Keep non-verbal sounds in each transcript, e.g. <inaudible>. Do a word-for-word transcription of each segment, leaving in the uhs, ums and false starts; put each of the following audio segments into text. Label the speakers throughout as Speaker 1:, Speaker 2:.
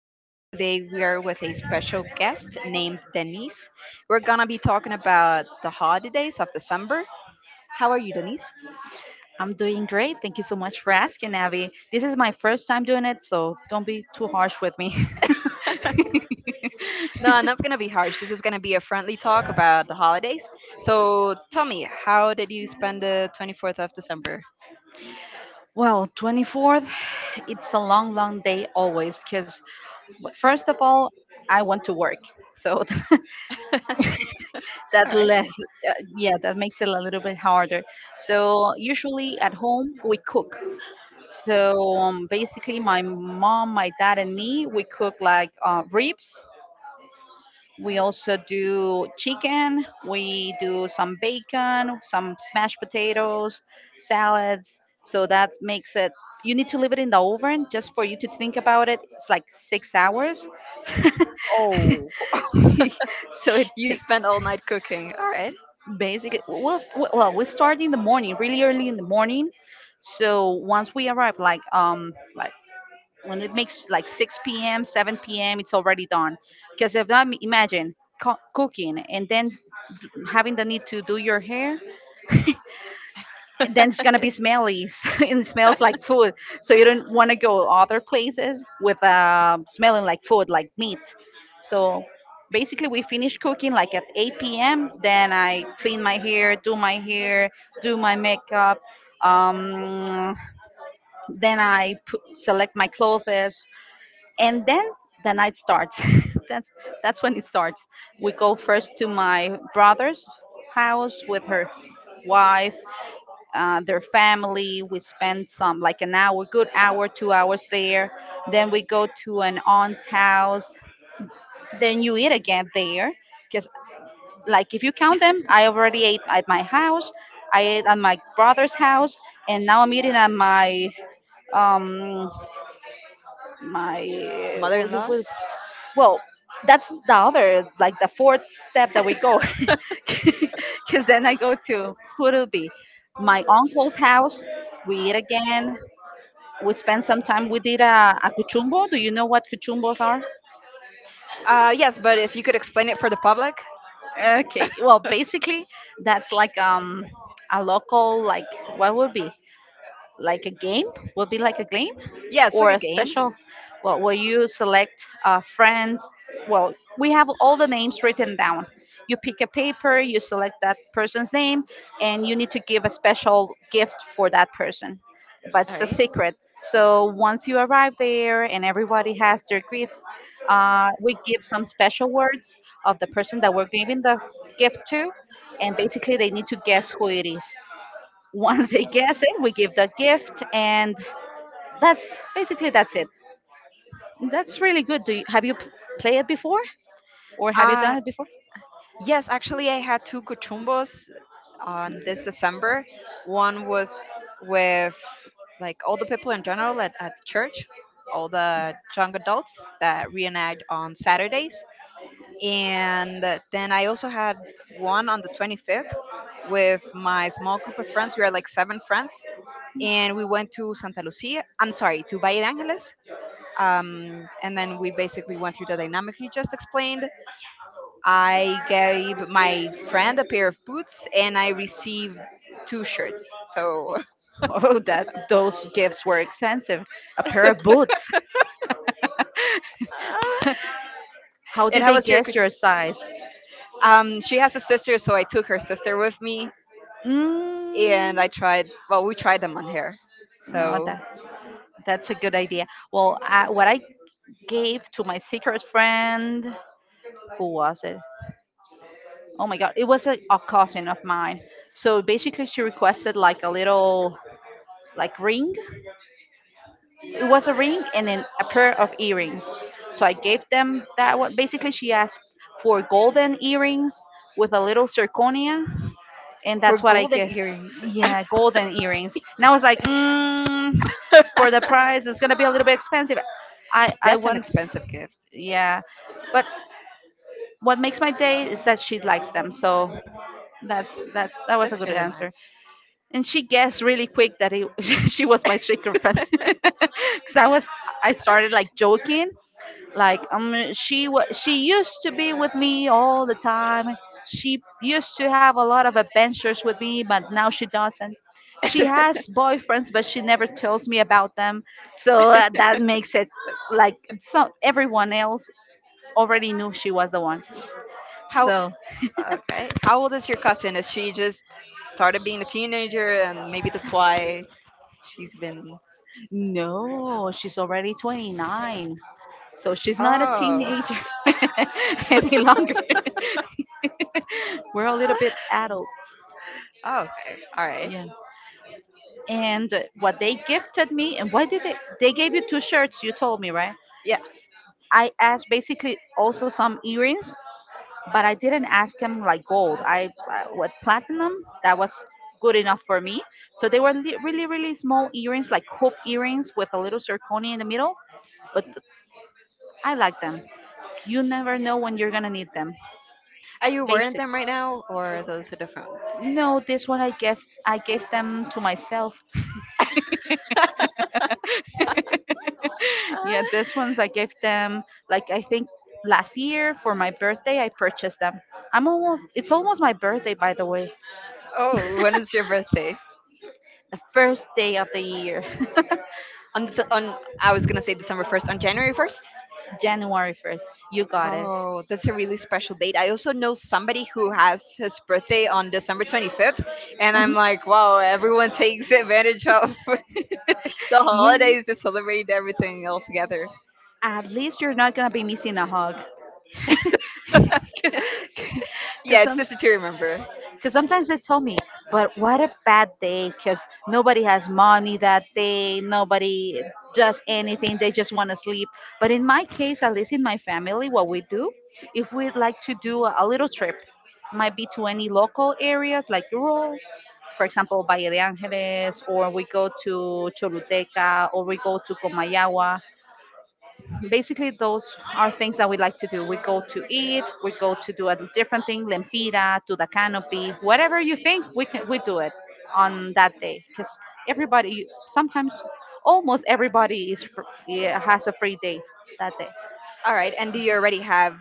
Speaker 1: again. Today we are with a special guest named Denise. We're going to be talking about the holidays of December. How are you, Denise? <laughs>
Speaker 2: I'm doing great. Thank you so much for asking, Abby. This is my first time doing it, so don't be too harsh with me.
Speaker 1: No, I'm not going to be harsh. This is going to be a friendly talk about the holidays.
Speaker 2: <laughs>
Speaker 1: So tell me, how did you spend the twenty-fourth of December?
Speaker 2: well, twenty-fourth, it's a long, long day always because, first of all, I want to work. So
Speaker 1: <laughs> All
Speaker 2: <laughs> that
Speaker 1: right.
Speaker 2: less, uh, yeah, that makes it a little bit harder. So usually at home, we cook. So um, basically, my mom, my dad, and me, we cook like uh, ribs. We also do chicken. We do some bacon, some smashed potatoes, salads. So that makes it. You need to leave it in the oven just for you to think about it. It's like six hours. <laughs>
Speaker 1: Oh,
Speaker 2: So it
Speaker 1: you
Speaker 2: takes
Speaker 1: spent all night cooking. All right.
Speaker 2: basically. Well, well, we start in the morning, really early in the morning. So once we arrive, like um, like when it makes like six p m, seven p m, it's already done. Because if not, imagine co- cooking and then having the need to do your hair, then it's gonna be smelly <laughs> and it smells like food. So you don't want to go other places with
Speaker 1: <laughs>
Speaker 2: uh, smelling like food, like meat. So basically, we finish cooking like at eight p m. Then I clean my hair, do my hair, do my makeup. Um, then I pu- select my clothes, and then the night starts. <laughs> that's that's when it starts. We go first to my brother's house with her wife, uh, their family. We spend some like an hour, good hour, two hours there. Then we go to an aunt's house, then you eat again there because, like, if you count them, I already ate at my house, I ate at my brother's house, and now I'm eating at my um my
Speaker 1: Mother-in-laws?
Speaker 2: well, that's the other, like the fourth step that we go. <laughs>
Speaker 1: <laughs>
Speaker 2: Because then I go to who'll be my uncle's house. We eat again, we spend some time, we did a, a cuchumbo. Do you know what cuchumbos are?
Speaker 1: Uh, yes, but if you could explain it for the public.
Speaker 2: Okay, well, basically, that's like um a local, like, what would be like a game. Will be like a game
Speaker 1: Yeah, it's like
Speaker 2: or
Speaker 1: a
Speaker 2: a
Speaker 1: game.
Speaker 2: special, well, will you select a friend. Well, we have all the names written down, you pick a paper, you select that person's name, and you need to give a special gift for that person, but
Speaker 1: All
Speaker 2: it's a
Speaker 1: right.
Speaker 2: secret. So once you arrive there and everybody has their gifts, uh, we give some special words of the person that we're giving the gift to, and basically they need to guess who it is. Once they guess it, we give the gift, and that's basically that's it. That's really good. Do you, have you p- played it before, or have you
Speaker 1: Uh,
Speaker 2: done it before?
Speaker 1: yes, actually, I had two cuchumbos on this December. One was with like all the people in general at, at the church, all the young adults that reenact on Saturdays, and then I also had one on the twenty-fifth with my small group of friends. We are like seven friends, and we went to Santa Lucia. I'm sorry, to Valle de Angeles. Um, and then we basically went through the dynamic you just explained. I gave my friend a pair of boots, and I received two shirts. So,
Speaker 2: Oh, <laughs> oh, that those gifts were expensive. A pair
Speaker 1: <laughs>
Speaker 2: of boots. <laughs> How
Speaker 1: and
Speaker 2: did
Speaker 1: how
Speaker 2: they
Speaker 1: was your cu-
Speaker 2: guess your size?
Speaker 1: Um, she has a sister, so I took her sister with me,
Speaker 2: Mm,
Speaker 1: and I tried. Well, we tried them on her.
Speaker 2: no,
Speaker 1: So
Speaker 2: that that's a good idea. Well, I, what I gave to my secret friend, who was it? Oh my god, it was a, a cousin of mine. So basically, she requested like a little, like, ring. It was a ring and then a pair of earrings. So I gave them that one. Basically, she asked for golden earrings with a little zirconia, and
Speaker 1: for
Speaker 2: that's what I
Speaker 1: golden
Speaker 2: gave.
Speaker 1: earrings. <laughs>
Speaker 2: Yeah, golden earrings. And I was like, mm, for the price it's gonna be a little bit expensive. I i
Speaker 1: That's an
Speaker 2: want.
Speaker 1: expensive gift.
Speaker 2: Yeah, but what makes my day is that she likes them, so that's that that was a
Speaker 1: That's
Speaker 2: good
Speaker 1: really
Speaker 2: answer.
Speaker 1: nice.
Speaker 2: And she guessed really quick that it, <laughs> she was my straight girlfriend <laughs>
Speaker 1: <laughs>
Speaker 2: because i was I started like joking, like um she was, she used to be with me all the time. She used to have a lot of adventures with me, but now she doesn't. She has boyfriends, but she never tells me about them. So uh, that makes it like, so everyone else already knew she was the one.
Speaker 1: How
Speaker 2: So
Speaker 1: okay. How old is your cousin? Is she just started being a teenager and maybe that's why she's been?
Speaker 2: no, she's already twenty-nine. So she's not a
Speaker 1: Oh.
Speaker 2: teenager <laughs> any longer. <laughs> We're a little bit adult.
Speaker 1: Oh, okay. All right.
Speaker 2: Yeah. And uh, what they gifted me, and why did they? They gave you two shirts, you told me, right?
Speaker 1: Yeah.
Speaker 2: I asked basically also some earrings, but I didn't ask him like gold. I, I with platinum, that was good enough for me. So they were li- really, really small earrings, like hoop earrings with a little zirconia in the middle, but I like them. You never know when you're gonna need them. Basic. No, this one I gave I gave them to myself. <laughs> Yeah, this ones I gave them, like, I think last year for my birthday I purchased them. I'm almost it's almost my birthday, by the way.
Speaker 1: Oh, when is your birthday?
Speaker 2: The first day of the year.
Speaker 1: On Dece- on I was going to say December first, on January first?
Speaker 2: <laughs> January first. You got it.
Speaker 1: Oh, that's a really special date. I also know somebody who has his birthday on December twenty-fifth, and I'm
Speaker 2: Mhm.
Speaker 1: like, wow, everyone takes advantage of <laughs> the
Speaker 2: <laughs> Yeah.
Speaker 1: holidays to celebrate everything all together.
Speaker 2: At least you're not going to be missing a hug. <laughs> Cuz
Speaker 1: Yeah, it's
Speaker 2: some,
Speaker 1: just to remember.
Speaker 2: because sometimes they tell me, but what a bad day because nobody has money that day, nobody does anything, they just want to sleep. But in my case, at least in my family, what we do, if we'd like to do a, a little trip, might be to any local areas like rural, for example, Valle de Angeles, or we go to Choluteca, or we go to Comayagua. Basically, those are things that we like to do. We go to eat, we go to do a different thing, lempira to the canopy, whatever you think we can, we do it on that day because everybody sometimes, almost everybody is fr- yeah, has a free day that day.
Speaker 1: All right, and do you already have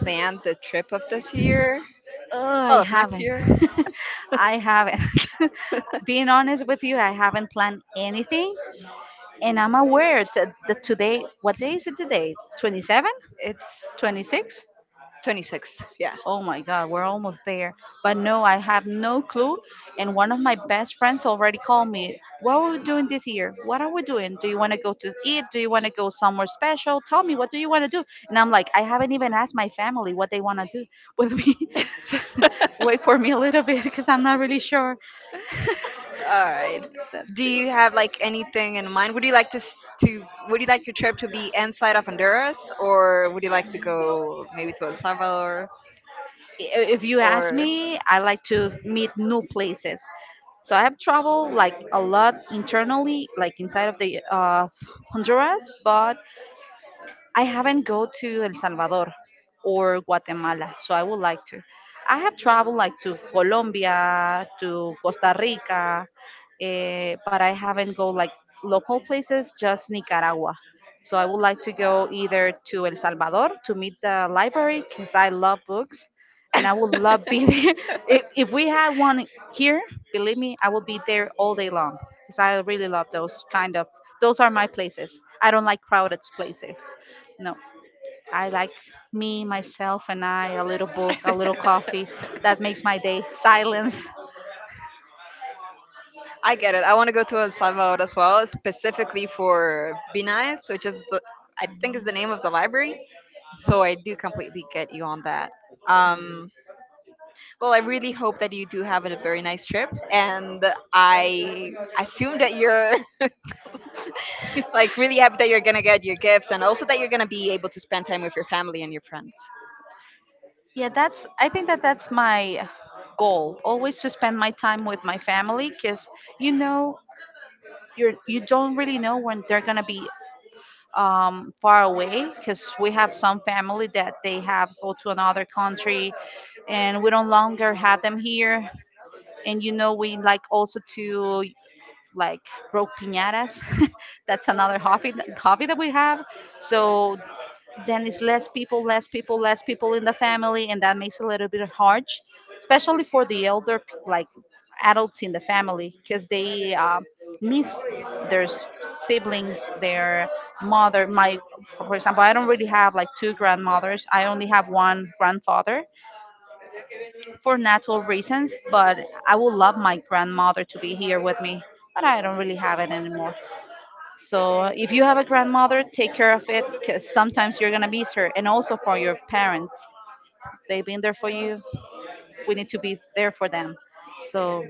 Speaker 1: planned the trip of this year?
Speaker 2: Oh, I
Speaker 1: Oh, of next
Speaker 2: haven't
Speaker 1: year. <laughs>
Speaker 2: <laughs> I haven't <laughs> being honest with you, I haven't planned anything. And I'm aware that, that today, what day is it today, 27
Speaker 1: It's
Speaker 2: 26
Speaker 1: twenty-six. Yeah.
Speaker 2: Oh my God, we're almost there. But no, I have no clue. And one of my best friends already called me. What are we doing this year? What are we doing? Do you want to go to eat? Do you want to go somewhere special? Tell me, what do you want to do? And I'm like, I haven't even asked my family what they want to do with me. <laughs> So <laughs> wait for me a little bit because I'm not really sure.
Speaker 1: All right.
Speaker 2: That's
Speaker 1: Do you have like anything in mind? Would you like to s- to would you like your trip to be inside of Honduras, or would you like to
Speaker 2: it.
Speaker 1: go maybe to El Salvador
Speaker 2: I- if you ask
Speaker 1: or
Speaker 2: me, I like to meet new places. So I have traveled like a lot internally, like inside of the uh, Honduras, but I haven't go to El Salvador or Guatemala, so I would like to. I have traveled like to Colombia, to Costa Rica, eh, but I haven't go like local places, just Nicaragua. So I would like to go either to El Salvador to meet the library because I love books, and I would love
Speaker 1: <laughs>
Speaker 2: be <laughs> there. If, if we had one here, believe me, I would be there all day long because I really love those kind of. Those are my places. I don't like crowded places. No, I like me, myself, and I, a little book, a little coffee. That makes my day. Silence.
Speaker 1: I get it. I want to go to El Salvador as well, specifically for Be Nice, which is the, I think, is the name of the library. So I do completely get you on that. Um, Well, I really hope that you do have a very nice trip, and I assume that you're <laughs> like really happy that you're gonna get your gifts, and also that you're gonna be able to spend time with your family and your friends.
Speaker 2: Yeah, that's, I think that that's my goal always to spend my time with my family because, you know, you're you don't really know when they're gonna be um, far away because we have some family that they have go to another country and we don't longer have them here. And you know, we like also to, like, broke piñatas. <laughs> That's another hobby that, hobby that we have. So then it's less people, less people, less people in the family, and that makes it a little bit hard, especially for the elder p- like adults in the family because they uh, miss their s- siblings, their mother. My, for example, I don't really have like two grandmothers. I only have one grandfather for natural reasons, but I would love my grandmother to be here with me, but I don't really have it anymore. So if you have a grandmother, take care of it because sometimes you're gonna miss her, and also for your parents, they've been there for you. We need to be there for them. So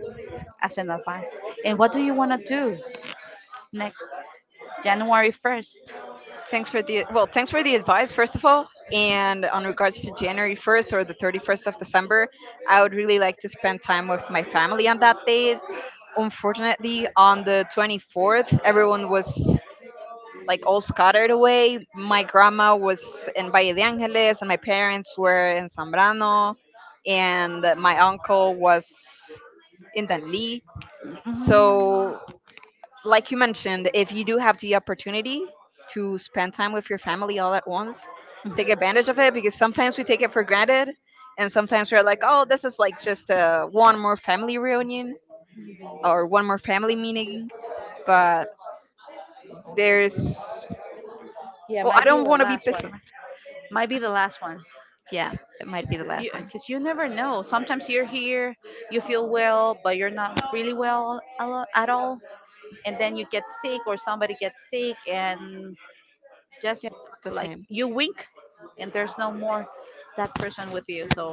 Speaker 2: as an advice. And what do you wanna do next January first?
Speaker 1: Thanks for the, well, thanks for the advice first of all, and on regards to January first or the thirty first of December, I would really like to spend time with my family on that date. Unfortunately, on the twenty fourth, everyone was like all scattered away. My grandma was in Valle de Angeles, and my parents were in Zambrano, and my uncle was in Danlí. So,
Speaker 2: Mm,
Speaker 1: like you mentioned, if you do have the opportunity to spend time with your family all at once, take advantage of it
Speaker 2: mhm.
Speaker 1: because sometimes we take it for granted. And sometimes we're like, oh, this is like just uh, one more family reunion or one more family meeting. But there's,
Speaker 2: Yeah,
Speaker 1: well, I
Speaker 2: might be
Speaker 1: don't
Speaker 2: the
Speaker 1: want to be
Speaker 2: last one.
Speaker 1: pessimist.
Speaker 2: Might be the last one.
Speaker 1: Yeah, it might be the
Speaker 2: You
Speaker 1: last one.
Speaker 2: Because you never know. Sometimes you're here, you feel well, but you're not really well a lo- at all. And then you get sick, or somebody gets sick, and
Speaker 1: Yeah,
Speaker 2: just,
Speaker 1: not the
Speaker 2: like,
Speaker 1: same.
Speaker 2: you wink, and there's no more that person with you. So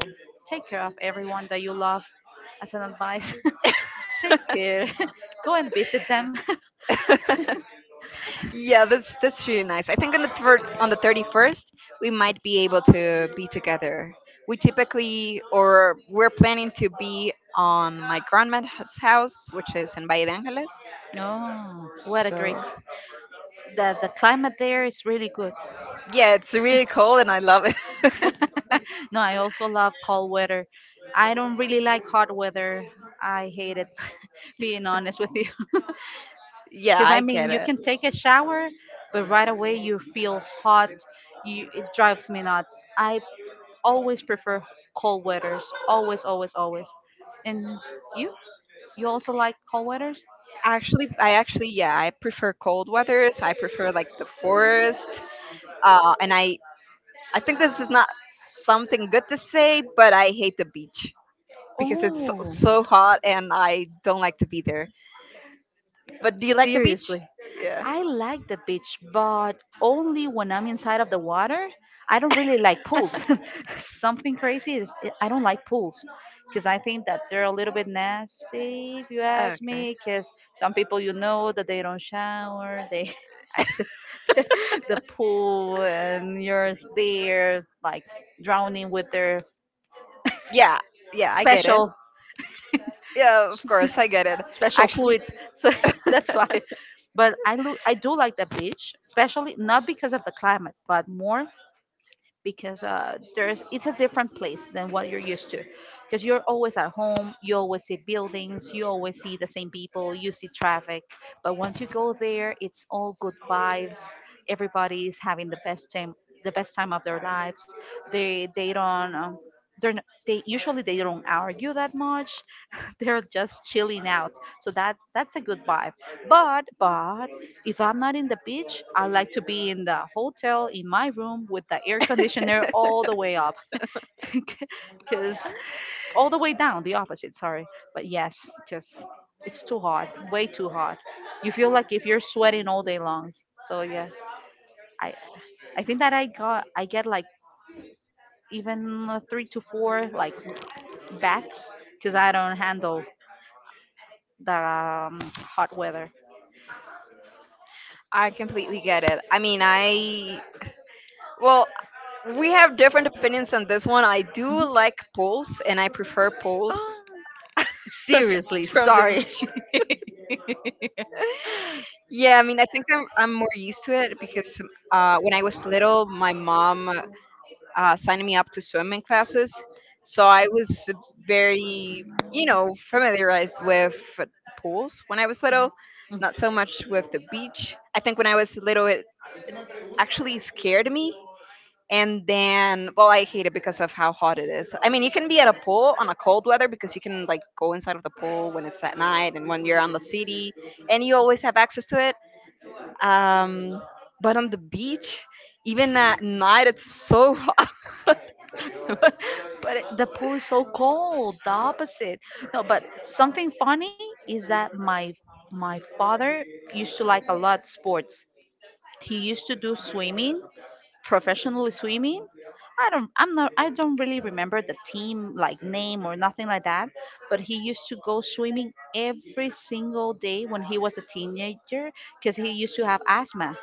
Speaker 2: take care of everyone that you love as an advice. <laughs> Take care. <laughs> Go and visit them.
Speaker 1: <laughs> Yeah, that's that's really nice. I think on the third on the thirty first we might be able to be together. We typically, or we're planning to be on my grandma's house, which is in Valle de Angeles.
Speaker 2: No, what a great.
Speaker 1: So
Speaker 2: The the climate there is really good.
Speaker 1: yeah, it's really cold and I love it. <laughs>
Speaker 2: <laughs> No, I also love cold weather. I don't really like hot weather. I hate it, <laughs> being honest with you.
Speaker 1: Yeah,
Speaker 2: Because
Speaker 1: I
Speaker 2: I mean,
Speaker 1: get
Speaker 2: you
Speaker 1: it.
Speaker 2: can take a shower, but right away you feel hot. You, it drives me nuts. I always prefer cold weathers. Always, always, always. And you? You also like cold weathers?
Speaker 1: Actually, I actually yeah, I prefer cold weathers. I prefer like the forest. Uh, and I I think this is not something good to say, but I hate the beach because it's so,
Speaker 2: Oh.
Speaker 1: so hot and I don't like to be there. But do you like the beach?
Speaker 2: Seriously,
Speaker 1: Yeah.
Speaker 2: I like the beach, but only when I'm inside of the water. I don't really like pools.
Speaker 1: <laughs>
Speaker 2: <laughs> Something crazy is I don't like pools because I think that they're a little bit nasty, if you ask
Speaker 1: Okay.
Speaker 2: me. Because some people, you know, that they don't shower, they <laughs> access <laughs> the pool, and you're there like drowning with their
Speaker 1: Yeah, yeah, I get it.
Speaker 2: special
Speaker 1: Yeah, of course, I get it.
Speaker 2: special
Speaker 1: Actually,
Speaker 2: fluids. So <laughs> that's why. But I look, I do like the beach, especially not because of the climate, but more because uh, there's it's a different place than what you're used to, because you're always at home, you always see buildings, you always see the same people, you see traffic. But once you go there, it's all good vibes. Everybody's having the best time, the best time of their lives. They they don't um, they're n- they usually they don't argue that much. <laughs> They're just chilling out, so that that's a good vibe. But if I'm not in the beach, I like to be in the hotel in my room with the air conditioner
Speaker 1: <laughs>
Speaker 2: all the way up. <laughs> Because all the way down, the opposite, sorry. But yes, because it's too hot, way too hot. You feel like if you're sweating all day long. So yeah, I, I think that I got I get like even uh, three to four like baths because I don't handle the um, hot weather.
Speaker 1: I completely get it. I mean, I Well, we have different opinions on this one. I do
Speaker 2: Mhm.
Speaker 1: like pools, and I prefer pools
Speaker 2: Oh, seriously,
Speaker 1: <laughs> from the
Speaker 2: sorry.
Speaker 1: beach. Yeah, I mean, I think I'm I'm more used to it because uh, when I was little, my mom uh,
Speaker 2: <laughs>
Speaker 1: signed me up to swimming classes, so I was very, you know, familiarized with pools when I was little.
Speaker 2: Mhm.
Speaker 1: Not so much with the beach. I think when I was little, it actually scared me. And then, well, I hate it because of how hot it is. I mean, you can be at a pool on a cold weather because you can like go inside of the pool when it's at night and when you're on the city, and you always have access to it. um, but on the beach, even at night, it's so hot.
Speaker 2: <laughs> But but it- the pool is so cold, the opposite. No, but something funny is that my my father used to like a lot sports. He used to do swimming, professionally swimming. I don't, I'm not, I don't really remember the team like name or nothing like that, but he used to go swimming every single day when he was a teenager, because he used to have asthma.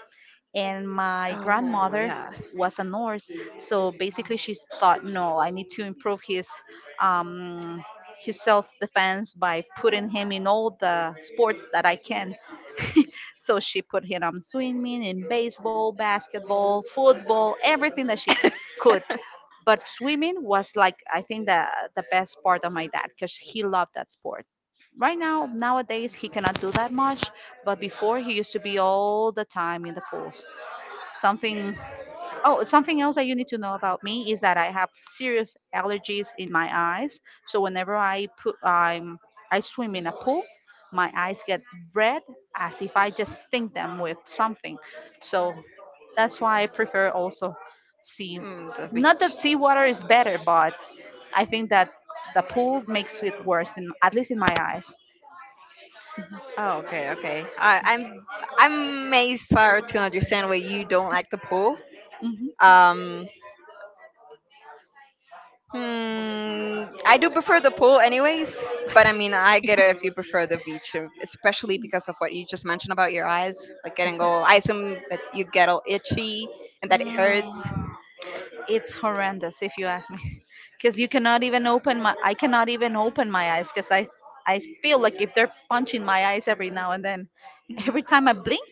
Speaker 2: And
Speaker 1: <laughs>
Speaker 2: my
Speaker 1: Oh
Speaker 2: grandmother
Speaker 1: yeah.
Speaker 2: was a nurse, so basically she thought, no, I need to improve his um his self-defense by putting him in all the sports that I can. <laughs> So she put him on swimming, in baseball, basketball, football, everything that she could.
Speaker 1: <laughs>
Speaker 2: But swimming was like, I think, the the best part of my dad, because he loved that sport. Right now, nowadays, he cannot do that much, but before he used to be all the time in the pools. Something, oh, something else that you need to know about me is that I have serious allergies in my eyes. So whenever I put I'm I swim in a pool, my eyes get red as if I just sting them with something. So that's why I prefer also sea.
Speaker 1: Mm, the
Speaker 2: Not
Speaker 1: beach.
Speaker 2: that seawater is better, but I think that the pool makes it worse, in at least in my eyes.
Speaker 1: Oh, okay, okay. I, I'm I may start to understand why you don't like the pool.
Speaker 2: Mhm. Mm.
Speaker 1: Um, hmm, I do prefer the pool, anyways. But I mean, I get it if you prefer the beach, uh, especially because of what you just mentioned about your eyes, like getting all. I assume that you get all itchy and that it hurts.
Speaker 2: It's horrendous if you ask me, <laughs> because you cannot even open my. I cannot even open my eyes, because I I feel like if they're punching my eyes every now and then, every time I blink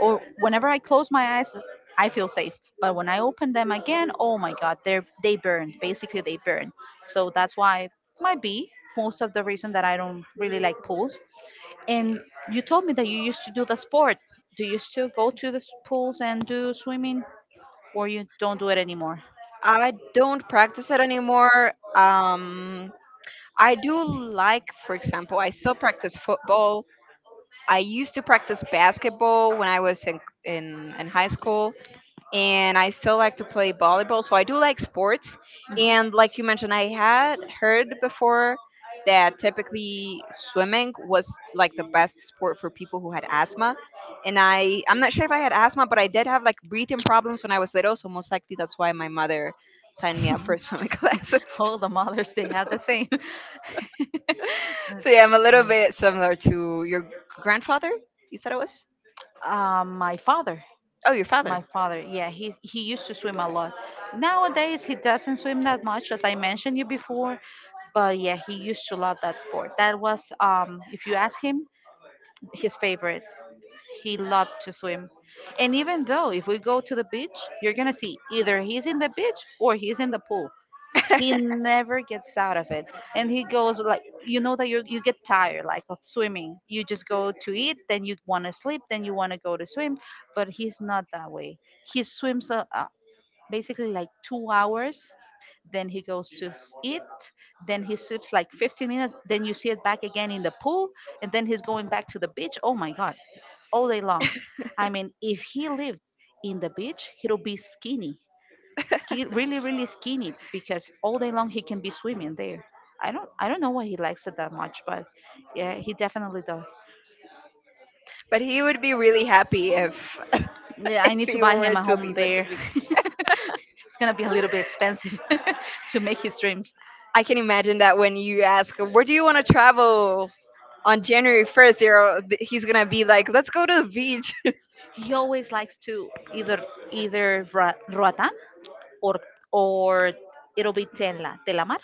Speaker 2: or whenever I close my eyes, I feel safe. But when I open them again, oh my God, they are they burn. Basically, they burn. So that's why might be most of the reason that I don't really like pools. And you told me that you used to do the sport. Do you still go to the s- pools and do swimming, or you don't do it anymore?
Speaker 1: I don't practice it anymore. Um, I do like, for example, I still practice football. I used to practice basketball when I was in in, in high school, and I still like to play volleyball. So I do like sports. And like you mentioned, I had heard before that typically swimming was like the best sport for people who had asthma. And I, I'm not sure if I had asthma, but I did have like breathing problems when I was little. So most likely that's why my mother signed me up
Speaker 2: Mhm.
Speaker 1: for swimming <laughs>
Speaker 2: <laughs>
Speaker 1: classes.
Speaker 2: All the mothers, they have the same.
Speaker 1: So yeah, I'm a
Speaker 2: <laughs>
Speaker 1: little bit similar to your grandfather. You said it was?
Speaker 2: Uh, my father,
Speaker 1: Oh, your
Speaker 2: my
Speaker 1: father. <laughs>
Speaker 2: father, yeah, he he used to swim a lot. Nowadays, he doesn't swim that much, as I mentioned you before. But yeah, he used to love that sport. That was, um, if you ask him, his favorite. He loved to swim. And even though if we go to the beach, you're gonna see either he's in the beach or he's in the pool. He never gets out of it. And he goes like, you know that you you get tired like of swimming, you just go to eat, then you want to sleep, then you want to go to swim. But he's not that way. He swims uh, uh, basically like two hours, then he goes to s- eat, then he sleeps like fifteen minutes, then you see it back again in the pool, and then he's going back to the beach. Oh my God, all day long. I mean, if he lived in the beach he'll be skinny, ski, really really skinny, because all day long he can be swimming there. I don't I don't know why he likes it that much, but yeah, he definitely does.
Speaker 1: But he would be really happy if <laughs>
Speaker 2: Yeah,
Speaker 1: if
Speaker 2: I need to
Speaker 1: he
Speaker 2: buy
Speaker 1: were
Speaker 2: him a
Speaker 1: to
Speaker 2: home
Speaker 1: leave at the
Speaker 2: there. <laughs>
Speaker 1: beach.
Speaker 2: It's gonna be a little bit expensive <laughs> to make his dreams.
Speaker 1: I can imagine that when you ask, where do you want to travel on January first, they're, he's going to be like, let's go to the beach. <laughs>
Speaker 2: He always likes to either either Ra- Roatán, or or it'll be Tela Telamar.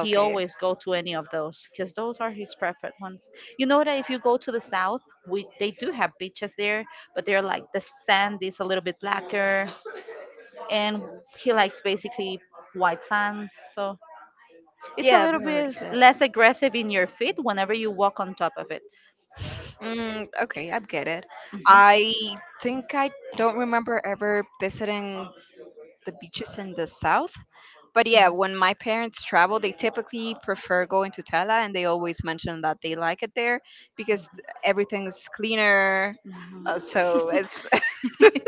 Speaker 2: He always go to any of those, because those are his preferred ones. You know that if you go to the south, we they do have beaches there, but they're like the sand is a little bit blacker, and he likes basically white sand. So it's a
Speaker 1: Yeah, I've
Speaker 2: little
Speaker 1: heard of
Speaker 2: bit
Speaker 1: it.
Speaker 2: less aggressive in your feet whenever you walk on top of it.
Speaker 1: Mm, okay, I get it. I think I don't remember ever visiting the beaches in the south. But yeah, when my parents travel, they typically prefer going to Tela, and they always mention that they like it there because th- everything's cleaner. Uh, so
Speaker 2: Mhm.
Speaker 1: it's <laughs>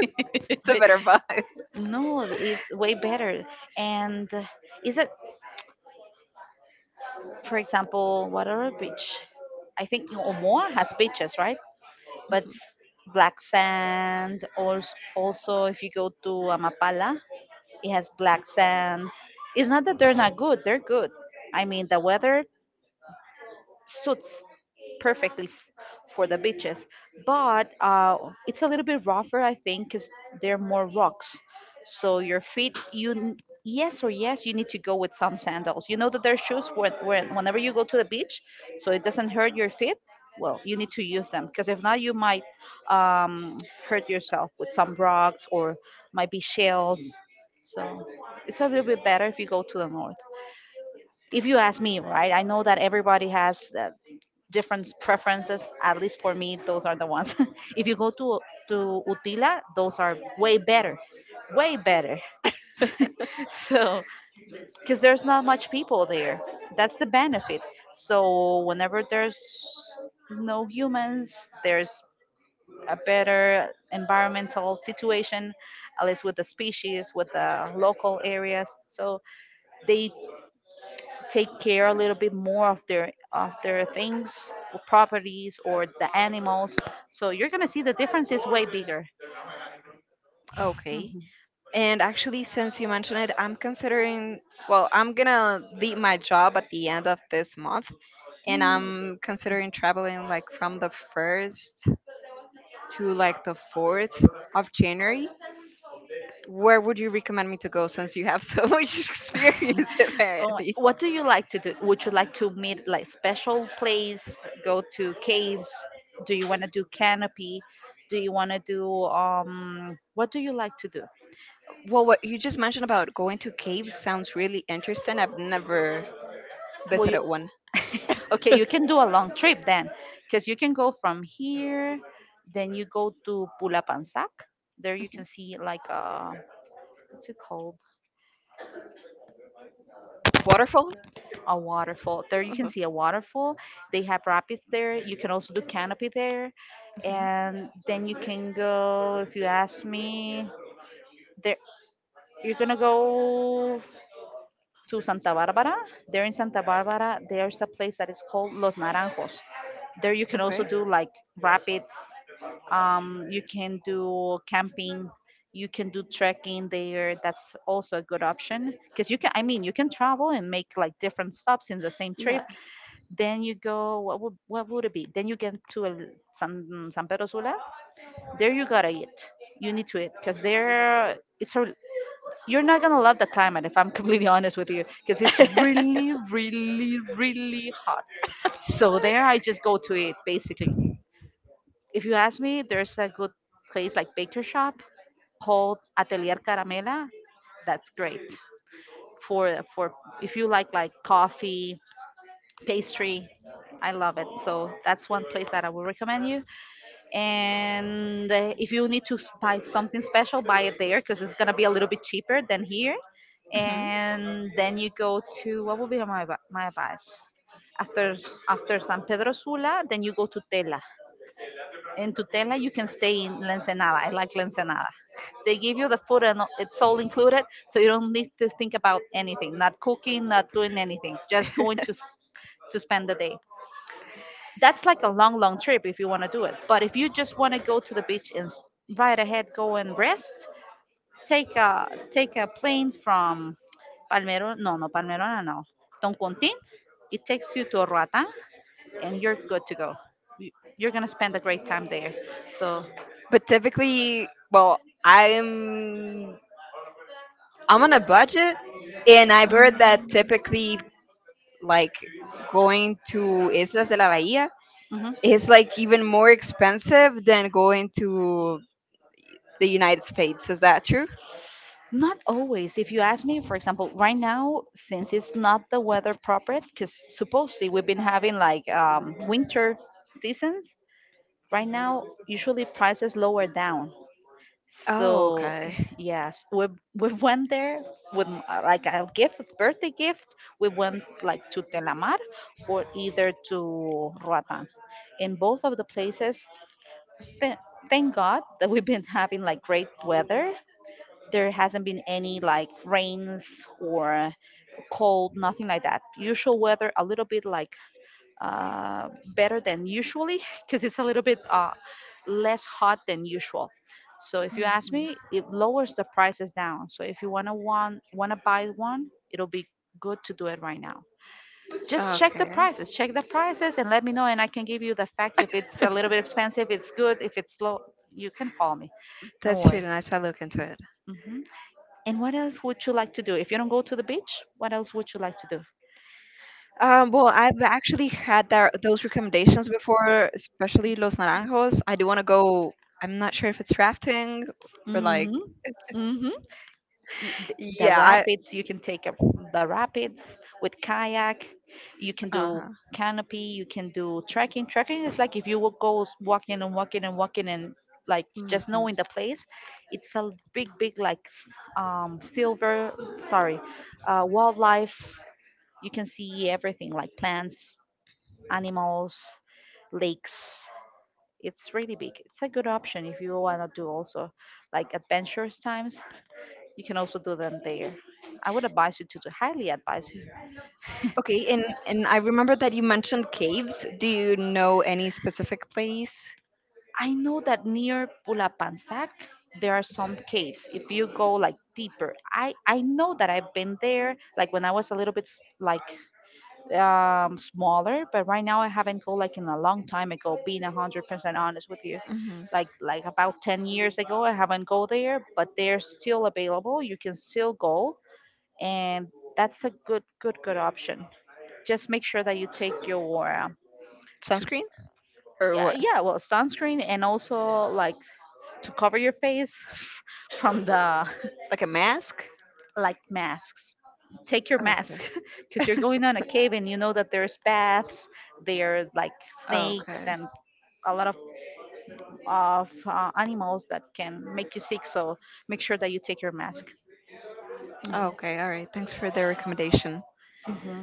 Speaker 2: <laughs>
Speaker 1: it's a
Speaker 2: But
Speaker 1: better vibe.
Speaker 2: no, it's way better. And uh, is it, for example, what other beach? I think Omoa has beaches, right? but s- Black sand. Also, also if you go to Amapala, it has black sands. It's not that they're not good; they're good. I mean, the weather suits perfectly f- for the beaches, but uh, it's a little bit rougher, I think, because they're more rocks. So your feet, you n- yes or yes, you need to go with some sandals. You know that there's shoes when, when whenever you go to the beach, so it doesn't hurt your feet. Well, you need to use them, because if not, you might um, hurt yourself with some rocks or might be shells. So it's a little bit better if you go to the north, if you ask me, right? I know that everybody has uh, different preferences. At least for me, those are the ones. <laughs> If you go to to Utila, those are way better, way better. <laughs>
Speaker 1: <laughs>
Speaker 2: So, because there's not much people there, that's the benefit. So whenever there's no humans, there's a better environmental situation, at least with the species, with the local areas. So they take care a little bit more of their of their things, or properties, or the animals. So you're gonna see the difference is way bigger.
Speaker 1: Okay.
Speaker 2: Mhm.
Speaker 1: And actually, since you mentioned it, I'm considering, well, I'm gonna leave my job at the end of this month, and I'm considering traveling like from the first to like the fourth of January. Where would you recommend me to go since you have so <laughs> much
Speaker 2: Mm.
Speaker 1: experience <laughs>
Speaker 2: Oh,
Speaker 1: apparently?
Speaker 2: what do you like to do? Would you like to meet like special place, go to caves? Do you want to do canopy? Do you want to do, um, what do you like to do?
Speaker 1: Well, what you just mentioned about going to caves sounds really interesting. I've never
Speaker 2: Will
Speaker 1: visited one.
Speaker 2: <laughs> okay, you can do a long trip then, because you can go from here, then you go to Pulapansac. There you
Speaker 1: Mhm.
Speaker 2: can see like a, what's it called?
Speaker 1: Waterfall?
Speaker 2: A waterfall. There you can
Speaker 1: Hmm.
Speaker 2: see a waterfall. They have rapids there. You can also do canopy there,
Speaker 1: Hmm.
Speaker 2: and then you can go. If you ask me, there you're gonna go to Santa Barbara. There in Santa Barbara, there's a place that is called Los Naranjos. There you can also
Speaker 1: Okay.
Speaker 2: do like rapids. Um, you can do camping. You can do trekking there. That's also a good option, because you can, I mean, you can travel and make like different stops in the same trip.
Speaker 1: Yeah.
Speaker 2: Then you go. What would what would it be? Then you get to El, San San Pedro Sula. There you gotta eat. You need to eat, because there it's a, you're not gonna love the climate if I'm <laughs> completely honest with you, because it's
Speaker 1: <laughs>
Speaker 2: really really really hot. So there I just go to eat basically. If you ask me, there's a good place like baker shop called Atelier Caramela. That's great for for if you like like coffee, pastry. I love it. So that's one place that I will recommend you. And uh, if you need to s- buy something special, buy it there, because it's gonna be a little bit cheaper than here.
Speaker 1: Mhm.
Speaker 2: And then you go to what would be my advi- my advice after s- after San Pedro Sula, then you go to Tela. In Tutela, you can stay in La Ensenada. I like La Ensenada. They give you the food and it's all included, so you don't need to think about anything, not cooking, not doing anything, just going to s- to spend the day. That's like a long, long trip if you want to do it. But if you just want to go to the beach and s- right ahead go and rest, take a take a plane from Palmero. No, no, Palmerona, no. Toncontin. It takes you to Roatan, and you're good to go. You- You're gonna spend a great time there. So,
Speaker 1: But typically, well, I'm I'm on a budget, and I've heard that typically, like going to Islas de la Bahía,
Speaker 2: hmm
Speaker 1: it's like even more expensive than going to the United States. Is that true?
Speaker 2: not always. If you ask me, for example, right now, since it's not the weather proper, because supposedly we've been having like um, winter seasons, right now, usually prices lower down.
Speaker 1: Oh,
Speaker 2: So,
Speaker 1: okay.
Speaker 2: <sighs> <laughs> yes, we we went there with m- uh, like a gift, birthday gift. We went like to Telamar or either to Roatan. In both of the places, th- thank God that we've been having like great weather, there hasn't been any like rains or cold, nothing like that. Usual weather, a little bit like uh, better than usually <laughs> because it's a little bit uh, less hot than usual. So if you ask
Speaker 1: Mhm.
Speaker 2: me, it lowers the prices down. So if you wanna want wanna buy one, it'll be good to do it right now. Just check the
Speaker 1: Okay.
Speaker 2: prices, check the prices, and let me know, and I can give you the fact if it's a little bit expensive, it's good. If it's low, you can call me. No
Speaker 1: That's really
Speaker 2: worries.
Speaker 1: nice. I look into it.
Speaker 2: Hmm, and what else would you like to do? If you don't go to the beach, what else would you like to do?
Speaker 1: Um, well, I've actually had that those recommendations before, especially Los Naranjos. I do want to go. I'm not sure if it's rafting or like.
Speaker 2: Mm-hmm. Mm-hmm. The, the
Speaker 1: Yeah, I.
Speaker 2: rapids, you can take a, the rapids with kayak. You can do
Speaker 1: Uh-huh.
Speaker 2: canopy. You can do trekking. Trekking is like if you will go walking and walking and walking and like just
Speaker 1: Mhm.
Speaker 2: knowing the place. It's a big, big like s- um silver. Sorry, uh, wildlife. You can see everything like plants, animals, lakes. It's really big. It's a good option if you want to do also like adventurous times. You can also do them there. I would advise you to, to highly advise you.
Speaker 1: Okay, and and I remember that you mentioned caves. Do you know any specific place?
Speaker 2: I know that near Pulapansac there are some caves. If you go like deeper, I I know that I've been there. Like when I was a little bit s- like um, smaller. But right now, I haven't go like in a long time ago. Being a hundred percent honest with you,
Speaker 1: Hmm.
Speaker 2: like like about ten years ago, I haven't go there, but they're still available. You can still go, and that's a good good good option. Just make sure that you take your um,
Speaker 1: Sunscreen or
Speaker 2: yeah,
Speaker 1: what?
Speaker 2: yeah, well, sunscreen and also like to cover your face <laughs> from the
Speaker 1: Like a mask?
Speaker 2: <laughs> like masks. Take your
Speaker 1: Okay.
Speaker 2: mask <laughs> because you're going on a
Speaker 1: <laughs>
Speaker 2: cave and you know that there's bats, there are like snakes
Speaker 1: Okay.
Speaker 2: and a lot of of uh, animals that can make you sick. So make sure that you take your mask. Hmm.
Speaker 1: Okay. All right. Thanks for the recommendation.
Speaker 2: Hmm.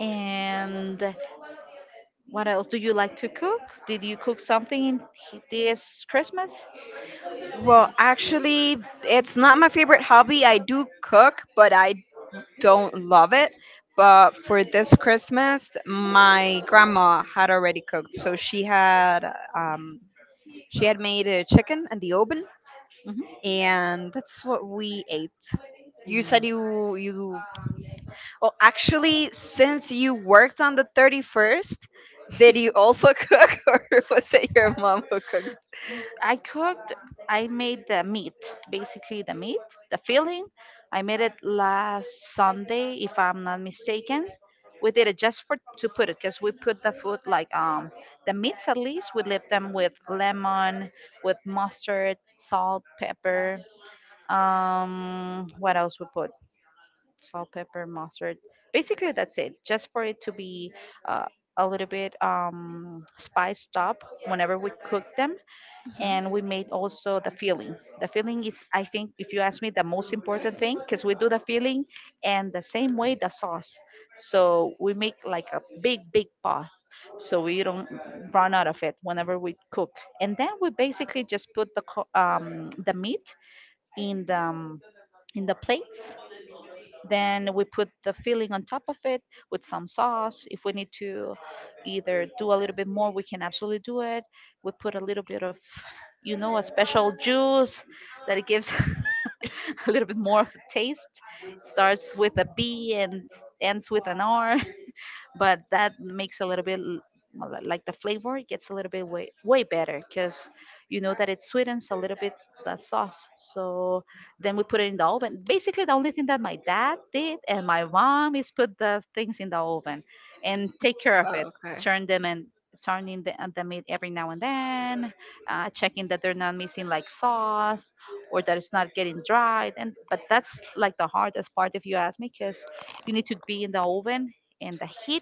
Speaker 2: And what else do you like to cook? Did you cook something in this Christmas?
Speaker 1: Well, actually, it's not my favorite hobby. I do cook, but I don't love it. But for this Christmas, my grandma had already cooked, so she had um, she had made a chicken in the oven,
Speaker 2: Hmm.
Speaker 1: and that's what we ate. You said you you well, actually, since you
Speaker 2: Mm.
Speaker 1: worked on the thirty-first, did you also <laughs> cook, or was it your mom who cooked?
Speaker 2: I cooked, I made the meat, basically the
Speaker 1: And
Speaker 2: meat, the filling. I made it last Sunday, if I'm not mistaken. We did it just for to put it, because we put the food like um the meats, at least we leave them with lemon, with mustard, salt, pepper. Um, what else we put? Salt, pepper, mustard. Basically, that's it. Just for it to be uh, a little bit um spiced up whenever we cook them, and we made also the feeling. The feeling is, I think, if you ask me, the most important thing, because we do the feeling and the same way the sauce, so we make like a big big pot so we don't run out of it whenever we cook. And then we basically just put the co- um, the meat in the um, in the plates, then we put the filling on top of it with some sauce. If we need to either do a little bit more, we can absolutely do it. We put a little bit of, you know, a special juice that it gives <laughs> a little bit more of a taste. Starts with a B and ends with an R, but that makes a little bit l- well, like the flavor gets a little bit way way better, because you know that it sweetens a little bit the sauce. So then we put it in the oven. Basically, the only thing that my dad did and my mom is put the things in the oven and take care of it,
Speaker 1: okay.
Speaker 2: turn them and turning the, uh, the meat every now and then, uh, checking that they're not missing like sauce or that it's not getting dried. And but that's like the hardest part if you ask me, because you need to be in the oven and the heat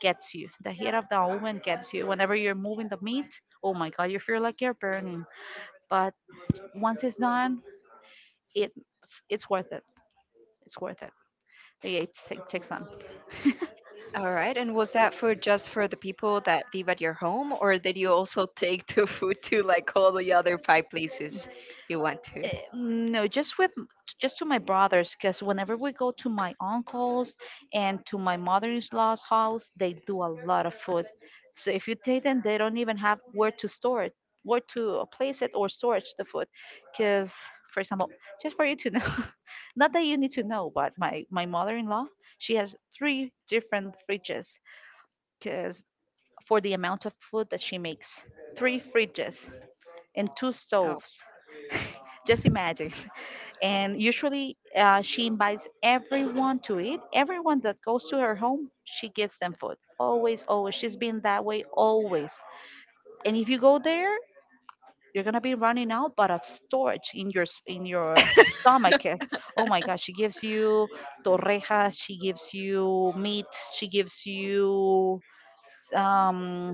Speaker 2: gets you. The heat of the oven gets you. Whenever you're moving the meat, oh my god, you feel like you're burning. But once it's done, it it's worth it. It's worth it. Yeah, it ta- takes time.
Speaker 1: All right. And was that food just for the people that live at your home, or did you also <laughs> take the food to like all the other five places?
Speaker 2: Eh, no, just with, just to my brothers, because whenever we go to my uncle's and to my mother-in-law's house, they do a lot of food, so if you take them they don't even have where to store it, where to place it or storage the food, because for example, just for you to know, <laughs> not that you need to know, but my my mother-in-law, she has three different fridges, because for the amount of food that she makes, three fridges and two
Speaker 1: Oh.
Speaker 2: stoves. <laughs> Just imagine. <laughs> And usually uh, she invites everyone to eat. Everyone that goes to her home, she gives them food. Always, always. She's been that way always. And if you go there, you're gonna be running out, but of storage in your s- in your <laughs> stomach. Eh. Oh my gosh, she gives you torrejas, she gives you meat, she gives you s- um,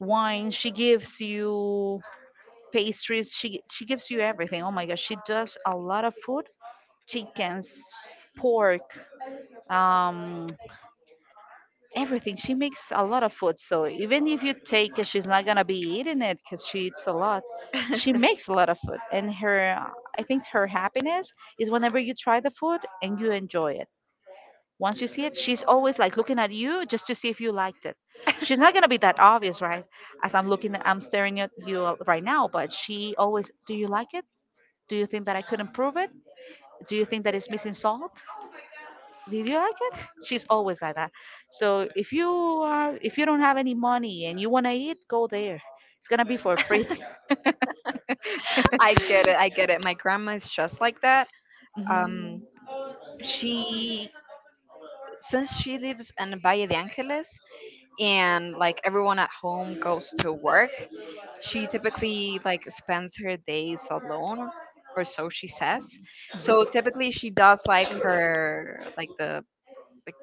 Speaker 2: wine, she gives you pastries. She she gives you everything. Oh my gosh, she does a lot of food, chickens, pork, um, everything. She makes a lot of food. So even if you take it, she's not gonna be eating it because she eats a lot. She makes a
Speaker 1: <laughs>
Speaker 2: lot of food, and her, I think her happiness is whenever you try the food and you enjoy it. Once you see it, she's always like looking at you just to see if you liked it. She's not gonna be that obvious, right? As I'm looking, I'm staring at you right now, but she always, do you like it? Do you think that I could improve it? Do you think that it's missing salt? Did you like it? <laughs> She's always like that. So if you are, if you don't have any money and you wanna eat, go there. It's gonna be for free.
Speaker 1: I get it. I get
Speaker 2: <laughs>
Speaker 1: it. My grandma is just like that. Um,
Speaker 2: Mhm.
Speaker 1: she, since she lives in Valle de Angeles, and like everyone at home goes to work, she typically like spends her days alone, or so she says. So typically she does like her like the like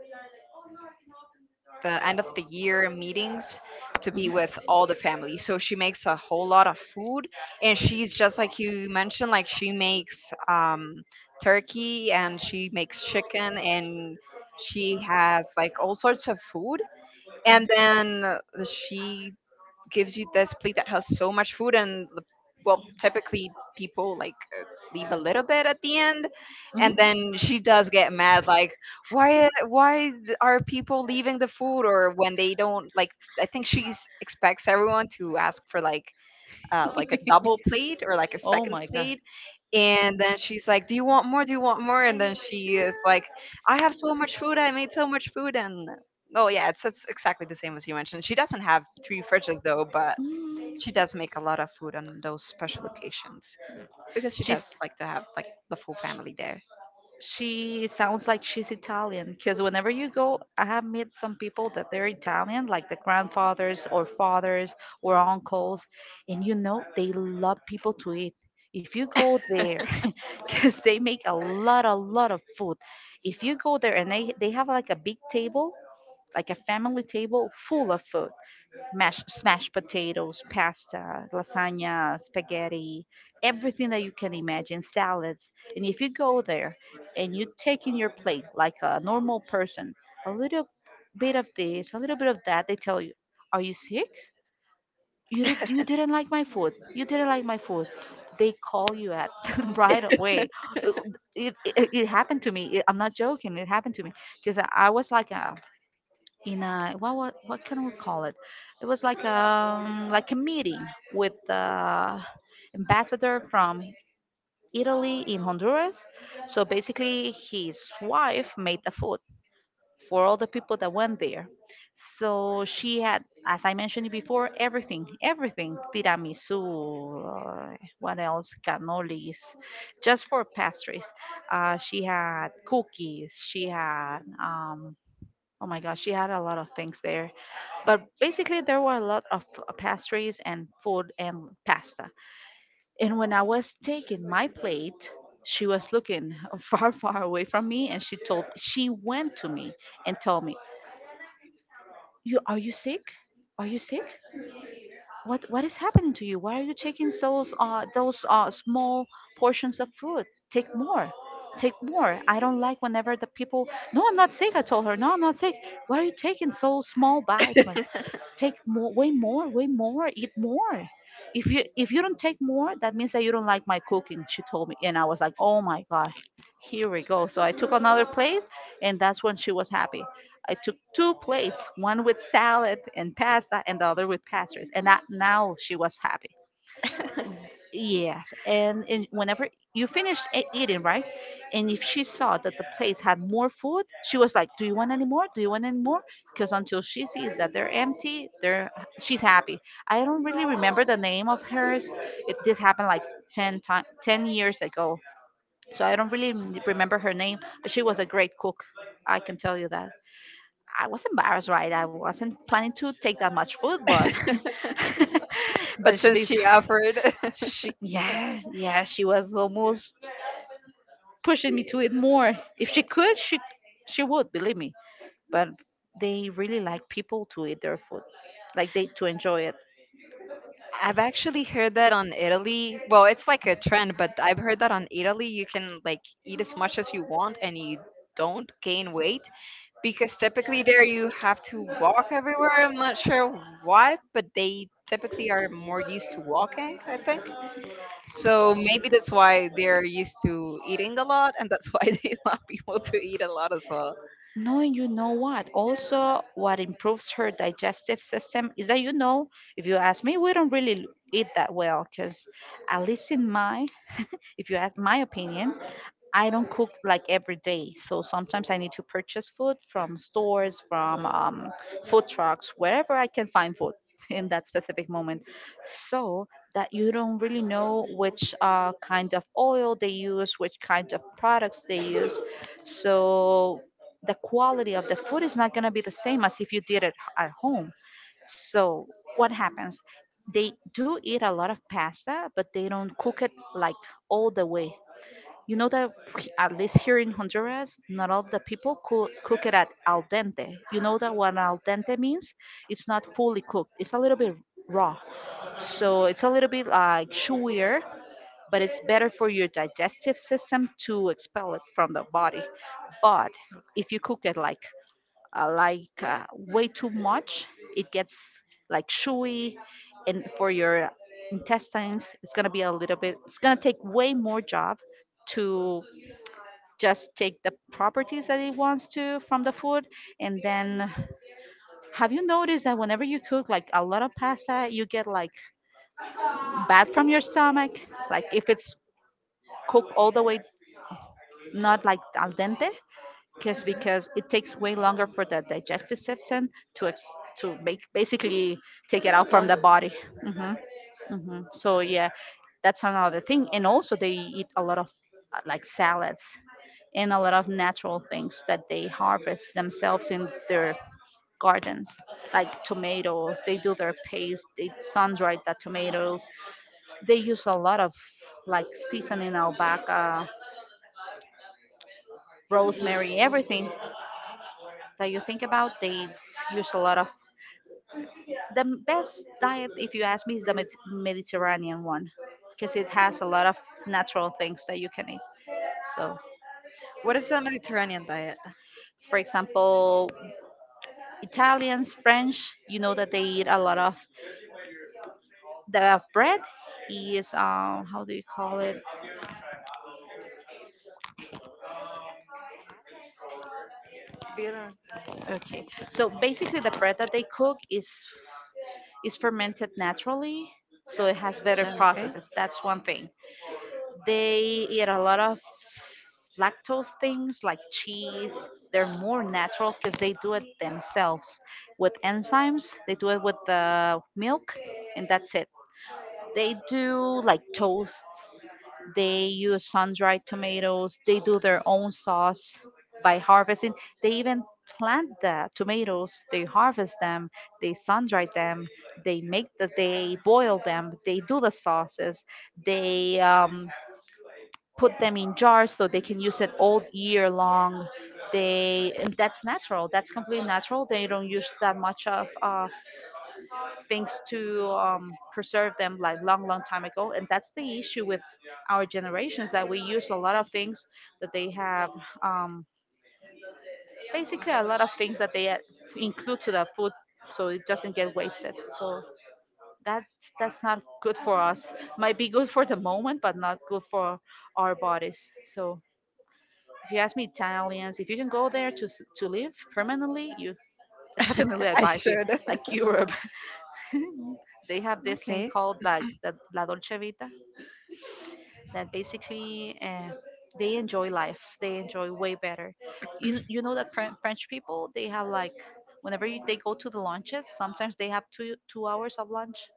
Speaker 1: the end of the year meetings to be with all the family. So she makes a whole lot of food, and she's just like you mentioned, like she makes um turkey, and she makes chicken, and she has like all sorts of food. And then uh, she gives you this plate that has so much food, and the- well typically people like uh, leave a little bit at the end.
Speaker 2: Mhm.
Speaker 1: And
Speaker 2: Mhm.
Speaker 1: then she does get mad, like why why th- are people leaving the food, or when they don't, like, I think she expects everyone to ask for, like, uh, like a double plate or like a
Speaker 2: <laughs> Oh
Speaker 1: second
Speaker 2: my god.
Speaker 1: plate. And then she's like, do you want more, do you want more? And then she is like, I have so much food, I made so much food. And oh yeah, it's, it's exactly the same as you mentioned. She doesn't have three fridges though, but
Speaker 2: Mm.
Speaker 1: she does make a lot of food on those special occasions, because she does
Speaker 2: She's
Speaker 1: like to have like the full family there.
Speaker 2: She sounds like she's Italian, because whenever you go, I have met some people that they're Italian, like the grandfathers or fathers or uncles, and you know they love people to eat. If you go there, <laughs> because they make a lot, a lot of food. If you go there and they they have like a big table, like a family table full of food, mash, smashed potatoes, pasta, lasagna, spaghetti, everything that you can imagine, salads. And if you go there and you take in your plate like a normal person, a little bit of this, a little bit of that, they tell you, "Are you sick? You did, you didn't like my food. You didn't like my food." They call you at <laughs> right away. It, it, it happened to me. It- I'm not joking. It happened to me, because I I was like a, in a, what what, what can we call it? It was like um like a meeting with the ambassador from Italy in Honduras. So basically, his wife made the food for all the people that went there. So she had, as I mentioned before, everything, everything, tiramisu, uh, what else, cannolis, just for pastries. Uh, she had cookies. She had um, oh my gosh, she had a lot of things there, but basically, there were a lot of uh, pastries and food and pasta. And when I was taking my plate, she was looking <laughs> far, far away from me, and she told, she went to me and told me, "You are, you sick? Are you sick? What what is happening to you? Why are you taking those uh those uh small portions of food? Take more." Take more. I don't like whenever the people. No, I'm not sick, I told her. No, I'm not sick. Why are you taking so small bites? Take more, way more way more eat more. If you if you don't take more, that means that you don't like my cooking, she told me, and I was like, oh my god, here we go. So I took another plate, and that's when she was happy. I took two plates, one with salad and pasta and the other with pastries, and that now she was happy. Yes, and, and whenever you finish e- eating, right? And if she saw that the place had more food, she was like, "Do you want any more? Do you want any more?" Because until she sees that they're empty, they're she's happy. I don't really remember the name of hers. It this happened like ten time, ten years ago. So I don't really m- remember her name, but she was a great cook. I can tell you that. I was embarrassed, right? I wasn't planning to take that much food, but
Speaker 1: <laughs>
Speaker 2: <laughs>
Speaker 1: But
Speaker 2: but she,
Speaker 1: since she offered, <laughs>
Speaker 2: she, yeah, yeah, she was almost pushing me to it more. If she could, she she would, believe me. But they really like people to eat their food, like they to enjoy it.
Speaker 1: I've actually heard that on Italy. Well, it's like a trend, but I've heard that on Italy you can like eat as much as you want, and you don't gain weight, because typically there you have to walk everywhere. I'm not sure why, but they typically are more used to walking, I think. So maybe that's why they're used to eating a lot, and that's why <laughs> they allow people to eat a lot as well.
Speaker 2: Knowing You know what, also what improves her digestive system is that you know, if you ask me, we don't really eat that well, because at least in my, if you ask my opinion, I don't cook like every day, so sometimes I need to purchase food from stores, from um, food trucks, wherever I can find food <laughs> in that specific moment. So that you don't really know which uh, kind of oil they use, which kind of products they use. So the quality of the food is not going to be the same as if you did it at home. So what happens? They do eat a lot of pasta, but they don't cook it like all the way, you know? That he- at least here in Honduras, not all the people cook, cook it at al dente. You know that what al dente means? It's not fully cooked. It's a little bit raw. So it's a little bit like chewier, but it's better for your digestive system to expel it from the body. But if you cook it like uh, like uh, way too much, it gets like chewy, and for your intestines, it's gonna be a little bit. It's gonna take way more job to just take the properties that it wants to from the food. And then have you noticed that whenever you cook like a lot of pasta you get like bad from your stomach, like if it's cooked all the way, not like al dente? Because because it takes way longer for the digestive system to ex- to make, basically, take it out from the body. Hmm. Hmm. So yeah, that's another thing. And also they eat a lot of uh, like salads and a lot of natural things that they harvest themselves in their gardens. Like tomatoes, they do their paste, they sun dry the tomatoes, they use a lot of like seasoning, albahaca, rosemary, everything that you think about they use a lot of. The best diet, if you ask me, is the Med- mediterranean one, because it has a lot of natural things that you can eat. So
Speaker 1: What is the Mediterranean diet?
Speaker 2: for example, Italians, French, you know that they eat a lot of. The bread is, um, how do you call it?
Speaker 1: Do you know?
Speaker 2: Okay, so basically the bread that they cook is is fermented naturally, so it has better
Speaker 1: Oh, okay.
Speaker 2: processes. That's one thing. They eat a lot of lactose things like cheese. They're more natural because they do it themselves. With enzymes they do it, with the milk, and that's it. They do like toasts. They use sun-dried tomatoes. They do their own sauce by harvesting. They even plant the tomatoes. They harvest them. They sun-dry them. They make the. They boil them. They do the sauces. They um, put them in jars so they can use it all year long. They And that's natural. That's completely natural. They don't use that much of uh, things to um, preserve them like long long time ago, and that's the issue with our generations, that we use a lot of things that they have, um, basically a lot of things that they uh, include to the food so it doesn't get wasted. So that's that's not good for us. Might be good for the moment, but not good for our bodies. So if you ask me, Italians, if you can go there to s- to live permanently, you I definitely
Speaker 1: I
Speaker 2: advise you.
Speaker 1: should.
Speaker 2: Like Europe. <laughs> They have
Speaker 1: <laughs>
Speaker 2: this thing
Speaker 1: Okay.
Speaker 2: called like
Speaker 1: <clears throat>
Speaker 2: the la dolce vita, that basically, uh, they enjoy life, they enjoy way better. You, kn- you know that Fren- french people, they have like whenever you, they go to the lunches, sometimes they have two two hours of lunch.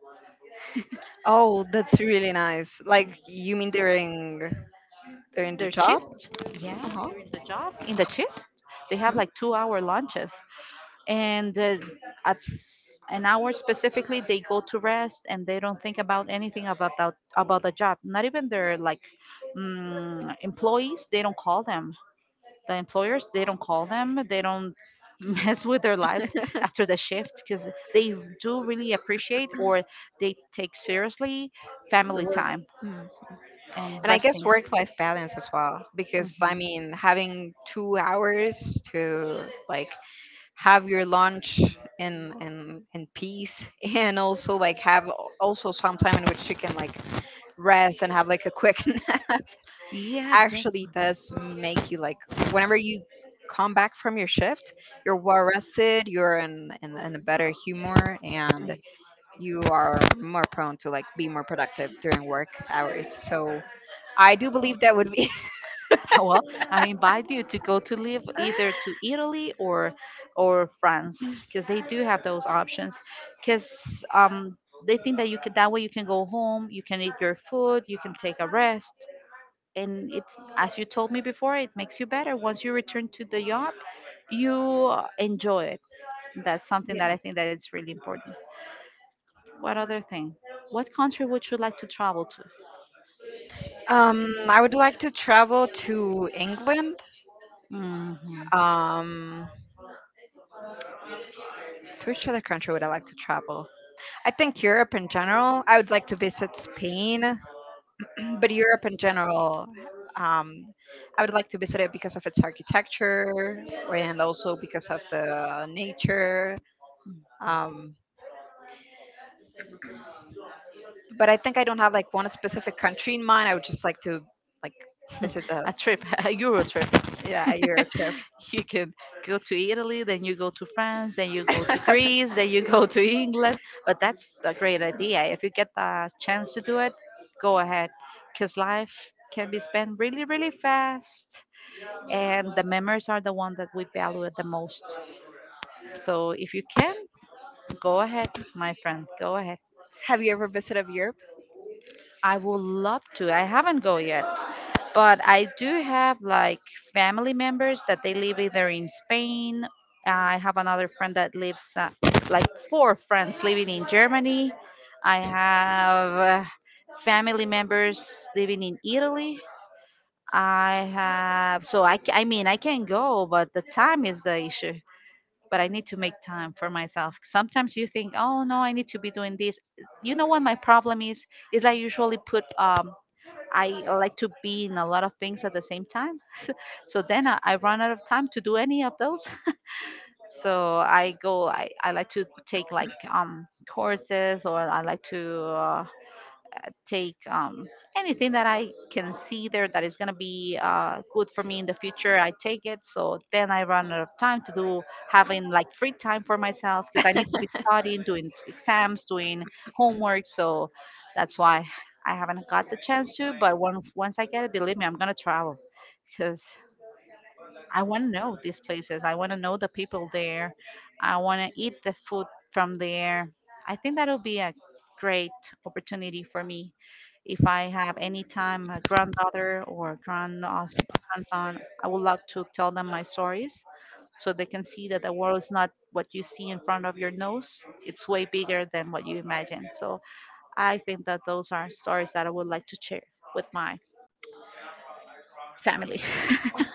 Speaker 1: Oh, that's really nice. Like, you mean during during the
Speaker 2: Their
Speaker 1: job?
Speaker 2: shifts, yeah,
Speaker 1: Uh
Speaker 2: during the job, in the shifts, they have
Speaker 1: huh.
Speaker 2: like two hour lunches. And uh, at s- an hour specifically they go to rest and they don't think about anything about that, about the job, not even their like, mm, employees, they don't call them. The employers, they don't call them, they don't <laughs> mess with their
Speaker 1: <laughs>
Speaker 2: lives
Speaker 1: The
Speaker 2: after the shift, because they do really appreciate, or they take seriously, family
Speaker 1: work.
Speaker 2: time and
Speaker 1: And I guess
Speaker 2: resting.
Speaker 1: work life balance as well, because I mean, having two hours to like
Speaker 2: Mhm.
Speaker 1: have your lunch in in in peace, <laughs> and also like have al- also some time in which you can like rest and have like a quick <laughs> nap,
Speaker 2: Yeah, definitely.
Speaker 1: actually
Speaker 2: <laughs>
Speaker 1: does make you like whenever you come back from your shift, you're well rested, you're in, in in a better humor, and you are more prone to like be more productive during work hours. So I do believe that would be.
Speaker 2: Well, I invite you to go to live either
Speaker 1: <laughs>
Speaker 2: to Italy or or France, because they do have those options. Because, um, they think that you could, that way you can go home, you can eat your food, you can take a rest, and it's as you told me before, it makes you better. Once you return to the job, you uh, enjoy it. That's something that
Speaker 1: Yeah.
Speaker 2: I think that it's really important. What other thing? What country would you like to travel to?
Speaker 1: Um, I would like to travel to England.
Speaker 2: Hmm.
Speaker 1: Um, to which other country would I like to travel? I think Europe in general. I would like to visit Spain, <clears throat> but Europe in general, um, I would like to visit it because of its architecture, and also because of the nature.
Speaker 2: <laughs>
Speaker 1: Um, but I think I don't have like one specific country in mind. I would just like to, like, visit the,
Speaker 2: A trip, <laughs> a Euro trip.
Speaker 1: yeah,
Speaker 2: <laughs>
Speaker 1: Europe trip.
Speaker 2: You can go to Italy, then you go to France, then you go to
Speaker 1: <laughs>
Speaker 2: Greece, then you go to England. But that's a great idea. If you get the chance to do it, go ahead, because life can be spent really, really fast, and the memories are the one that we value the most. So if you can, go ahead, my friend, go ahead.
Speaker 1: Have you ever visited Europe?
Speaker 2: I would love to. I haven't go yet, but I do have like family members that they live either in Spain. I have another friend that lives uh, like four friends living in Germany. I have uh, family members living in Italy. I have, so I ca- I mean I can go, but the time is the issue. But I need to make time for myself. Sometimes you think, oh no, I need to be doing this. You know what my problem is? Is I usually put, um, I like to be in a lot of things at the same time. So then I, I run out of time to do any of those. <laughs> So I go, I, I like to take like um, courses, or I like to uh, take um, anything that I can see there that is going to be uh, good for me in the future. I take it. So then I run out of time to do, having like free time for myself because I need to be studying, doing exams, doing homework. So that's why I haven't got the chance to. But once once I get it, believe me, I'm going to travel because I want to know these places. I want to know the people there. I want to eat the food from there. I think that'll be a great opportunity for me. If I have any time, a granddaughter or grand grandson, I would love to tell them my stories so they can see that the world is not what you see in front of your nose. It's way bigger than what you imagine. So I think that those are stories that I would like to share with my family. <laughs>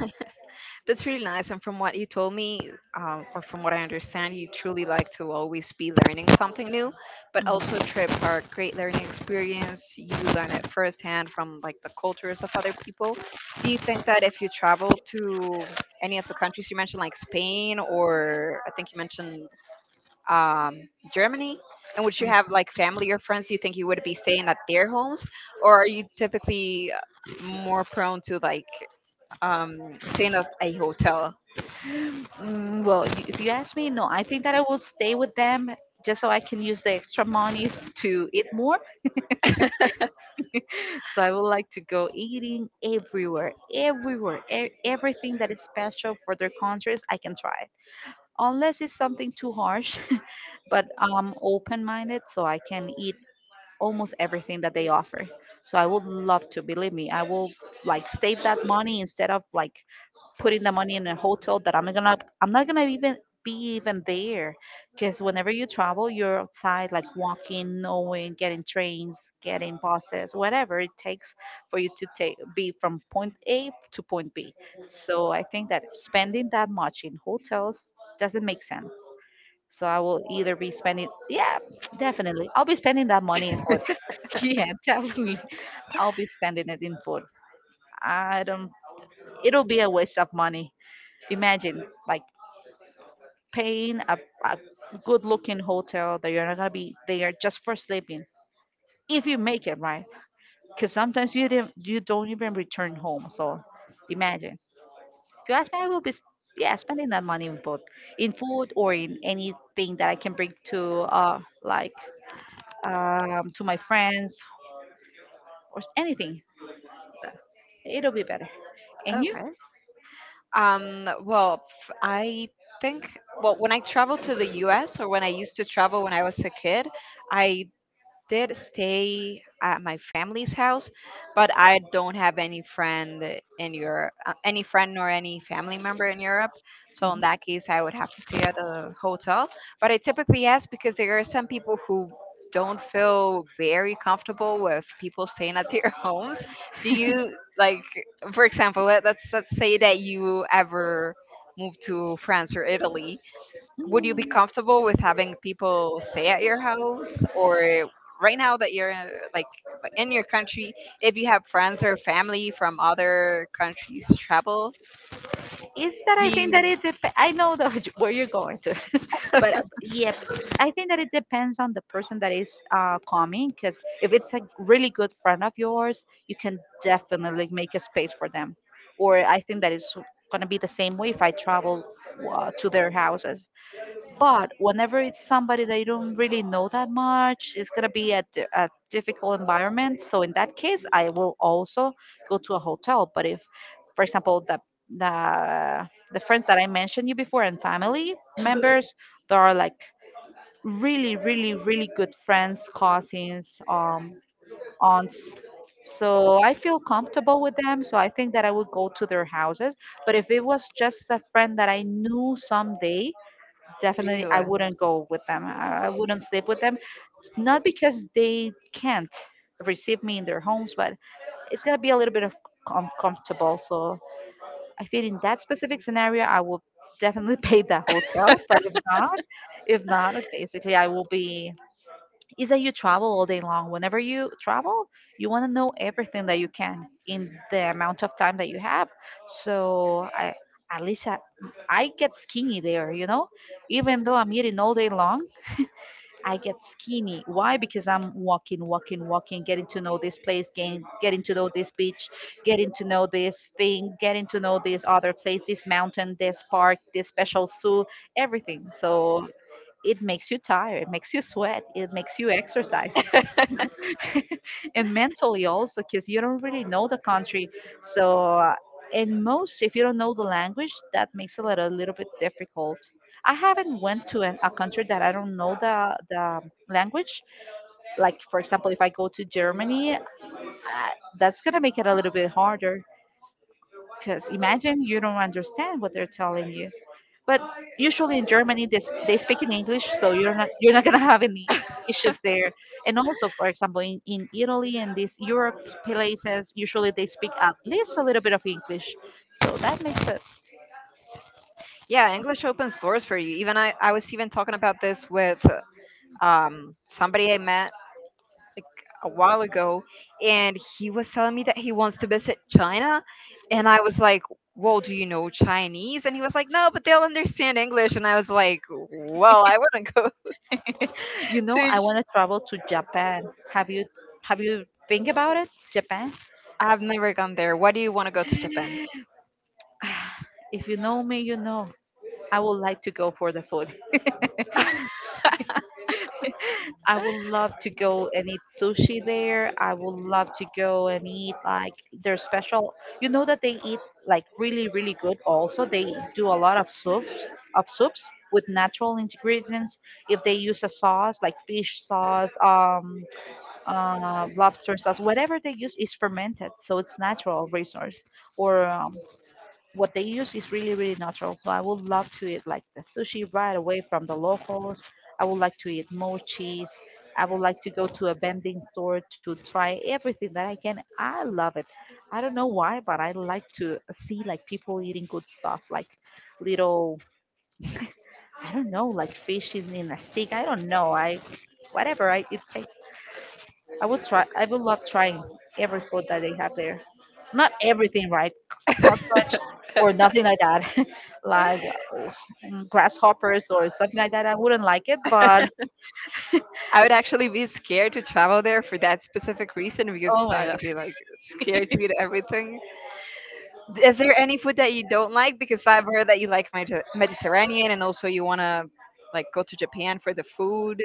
Speaker 1: That's really nice. And from what you told me, um, or from what I understand, you truly like to always be learning something new. But also,
Speaker 2: Mm.
Speaker 1: trips are a great learning experience. You learn it firsthand from like the cultures of other people. Do you think that if you travel to any of the countries you mentioned, like Spain, or I think you mentioned um, Germany, and would you have like family or friends? Do you think you would be staying at their homes, or are you typically uh, more prone to, like, um, staying at a hotel?
Speaker 2: Mm, well, y- if you ask me, no, I think that I will stay with them just so I can use the extra money to eat more.
Speaker 1: <laughs>
Speaker 2: So I would like to go eating everywhere, everywhere, e- everything that is special for their countries, I can try it. Unless it's something too harsh, <laughs> but I'm open minded, so I can eat almost everything that they offer. So I would love to, believe me, I will like save that money instead of like putting the money in a hotel that I'm gonna I'm not gonna even be even there, because whenever you travel you're outside like walking, knowing, getting trains, getting buses, whatever it takes for you to take be from point a to point b. So I think that spending that much in hotels doesn't make sense. So I will either be spending, yeah, <tsk> definitely I'll be spending that money in food. <laughs> Yeah, definitely I'll be spending it in food. I don't, it'll be a waste of money. Imagine like paying a, a good looking hotel that you're not gonna be there just for sleeping, if you make it right, because sometimes you didn't, you don't even return home. So imagine, if you ask me, I will be sp- yeah, spending that money in food, in food, or in anything that I can bring to uh like um to my friends, or s- anything. It'll be better. And you.
Speaker 1: Okay. Um, well, f- I think, well, when I travel to the U S, or when I used to travel when I was a kid, I did stay at my family's house, but I don't have any friend in Europe, uh, any friend nor any family member in Europe. So in
Speaker 2: Mm-hmm.
Speaker 1: that case, I would have to stay at a hotel. But I typically ask because there are some people who don't feel very comfortable with people staying at their <laughs> homes. Do you like, for example, let, let's let's say that you ever moved to France or Italy, would you be comfortable with having people stay at your house, or right now that you're uh, like like in your country, if you have friends or family from other countries travel,
Speaker 2: Is that
Speaker 1: do
Speaker 2: I think that
Speaker 1: you,
Speaker 2: it dep- I know that <laughs> where you're going to, <laughs> but uh, yeah, I think that it depends on the person that is uh, coming. Because if it's a really good friend of yours, you can definitely make a space for them. Or I think that it's is gonna be the same way if I travel uh, to their houses. But whenever it's somebody that you don't really know that much, it's gonna be a, di- a difficult environment. So in that case, I will also go to a hotel. But if, for example, the the the friends that I mentioned you before and family members, there are like really, really, really good friends, cousins, um, aunts. So I feel comfortable with them. So I think that I would go to their houses. But if it was just a friend that I knew someday, definitely
Speaker 1: you
Speaker 2: I
Speaker 1: uh,
Speaker 2: wouldn't go with them. I I wouldn't sleep with them. Not because they can't receive me in their homes, but it's gonna be a little bit of uncomfortable. So I think in that specific scenario, I will definitely <laughs> pay the hotel. But if not, if not, basically I will be is that you travel all day long. Whenever you travel, you want to know everything that you can in the amount of time that you have. So I, at least I, I get skinny there, you know? Even though I'm eating all day long, I get skinny. Why? Because I'm walking, walking, walking, getting to know this place, getting, getting to know this beach, getting to know this thing, getting to know this other place, this mountain, this park, this special zoo, everything. So it makes you tired, it makes you sweat, it makes you exercise. <laughs> And mentally also, because you don't really know the country, so uh, and most, if you don't know the language, that makes it a little, little bit difficult. I haven't went to an, a country that I don't know the, the language. Like, for example, if I go to Germany, uh, that's going to make it a little bit harder, because imagine you don't understand what they're telling you. But usually in Germany, they, sp- they speak in English, so you're not you're not gonna <laughs> have any issues there. And also, for example, in, in Italy and these Europe places, usually they speak at least a little bit of English, so that makes it.
Speaker 1: yeah, English opens doors for you. Even I, I was even talking about this with um, somebody I met, like, a while ago, and he was telling me that he wants to visit China, and I was like, "Well, do you know Chinese?" And he was like, "No, but they'll understand English." And I was like, "Well, I wouldn't go
Speaker 2: You
Speaker 1: <laughs>
Speaker 2: know,
Speaker 1: to."
Speaker 2: I
Speaker 1: Ch-
Speaker 2: want to travel to Japan. Have you have you think about it, Japan?
Speaker 1: I've never gone there. Why do you want to go to Japan?
Speaker 2: If you know me, you know I would like to go for the food.
Speaker 1: <laughs>
Speaker 2: I would love to go and eat sushi there. I would love to go and eat like their special. You know that they eat like really, really good. Also, they do a lot of soups, of soups with natural ingredients. If they use a sauce like fish sauce, um, uh, lobster sauce, whatever they use is fermented, so it's natural resource. Or um, What they use is really really natural, so I would love to eat like the sushi right away from the locals. I would like to eat more cheese. I would like to go to a vending store to try everything that I can. I love it. I don't know why, but I like to see like people eating good stuff, like little, I don't know, like fish in, in a stick. I don't know. I, whatever I, it takes, I would try. I would love trying every food that they have there. Not everything, right? C- Cockroach or nothing like that, <laughs> like uh, mm, grasshoppers or something like that. I wouldn't like it, but
Speaker 1: I would actually be scared to travel there for that specific reason,
Speaker 2: oh
Speaker 1: because
Speaker 2: my
Speaker 1: I'd
Speaker 2: god.
Speaker 1: be like scared to eat everything. Is there any food that you don't like? Because I've heard that you like Mediter- Mediterranean, and also you want to, like, go to Japan for the food.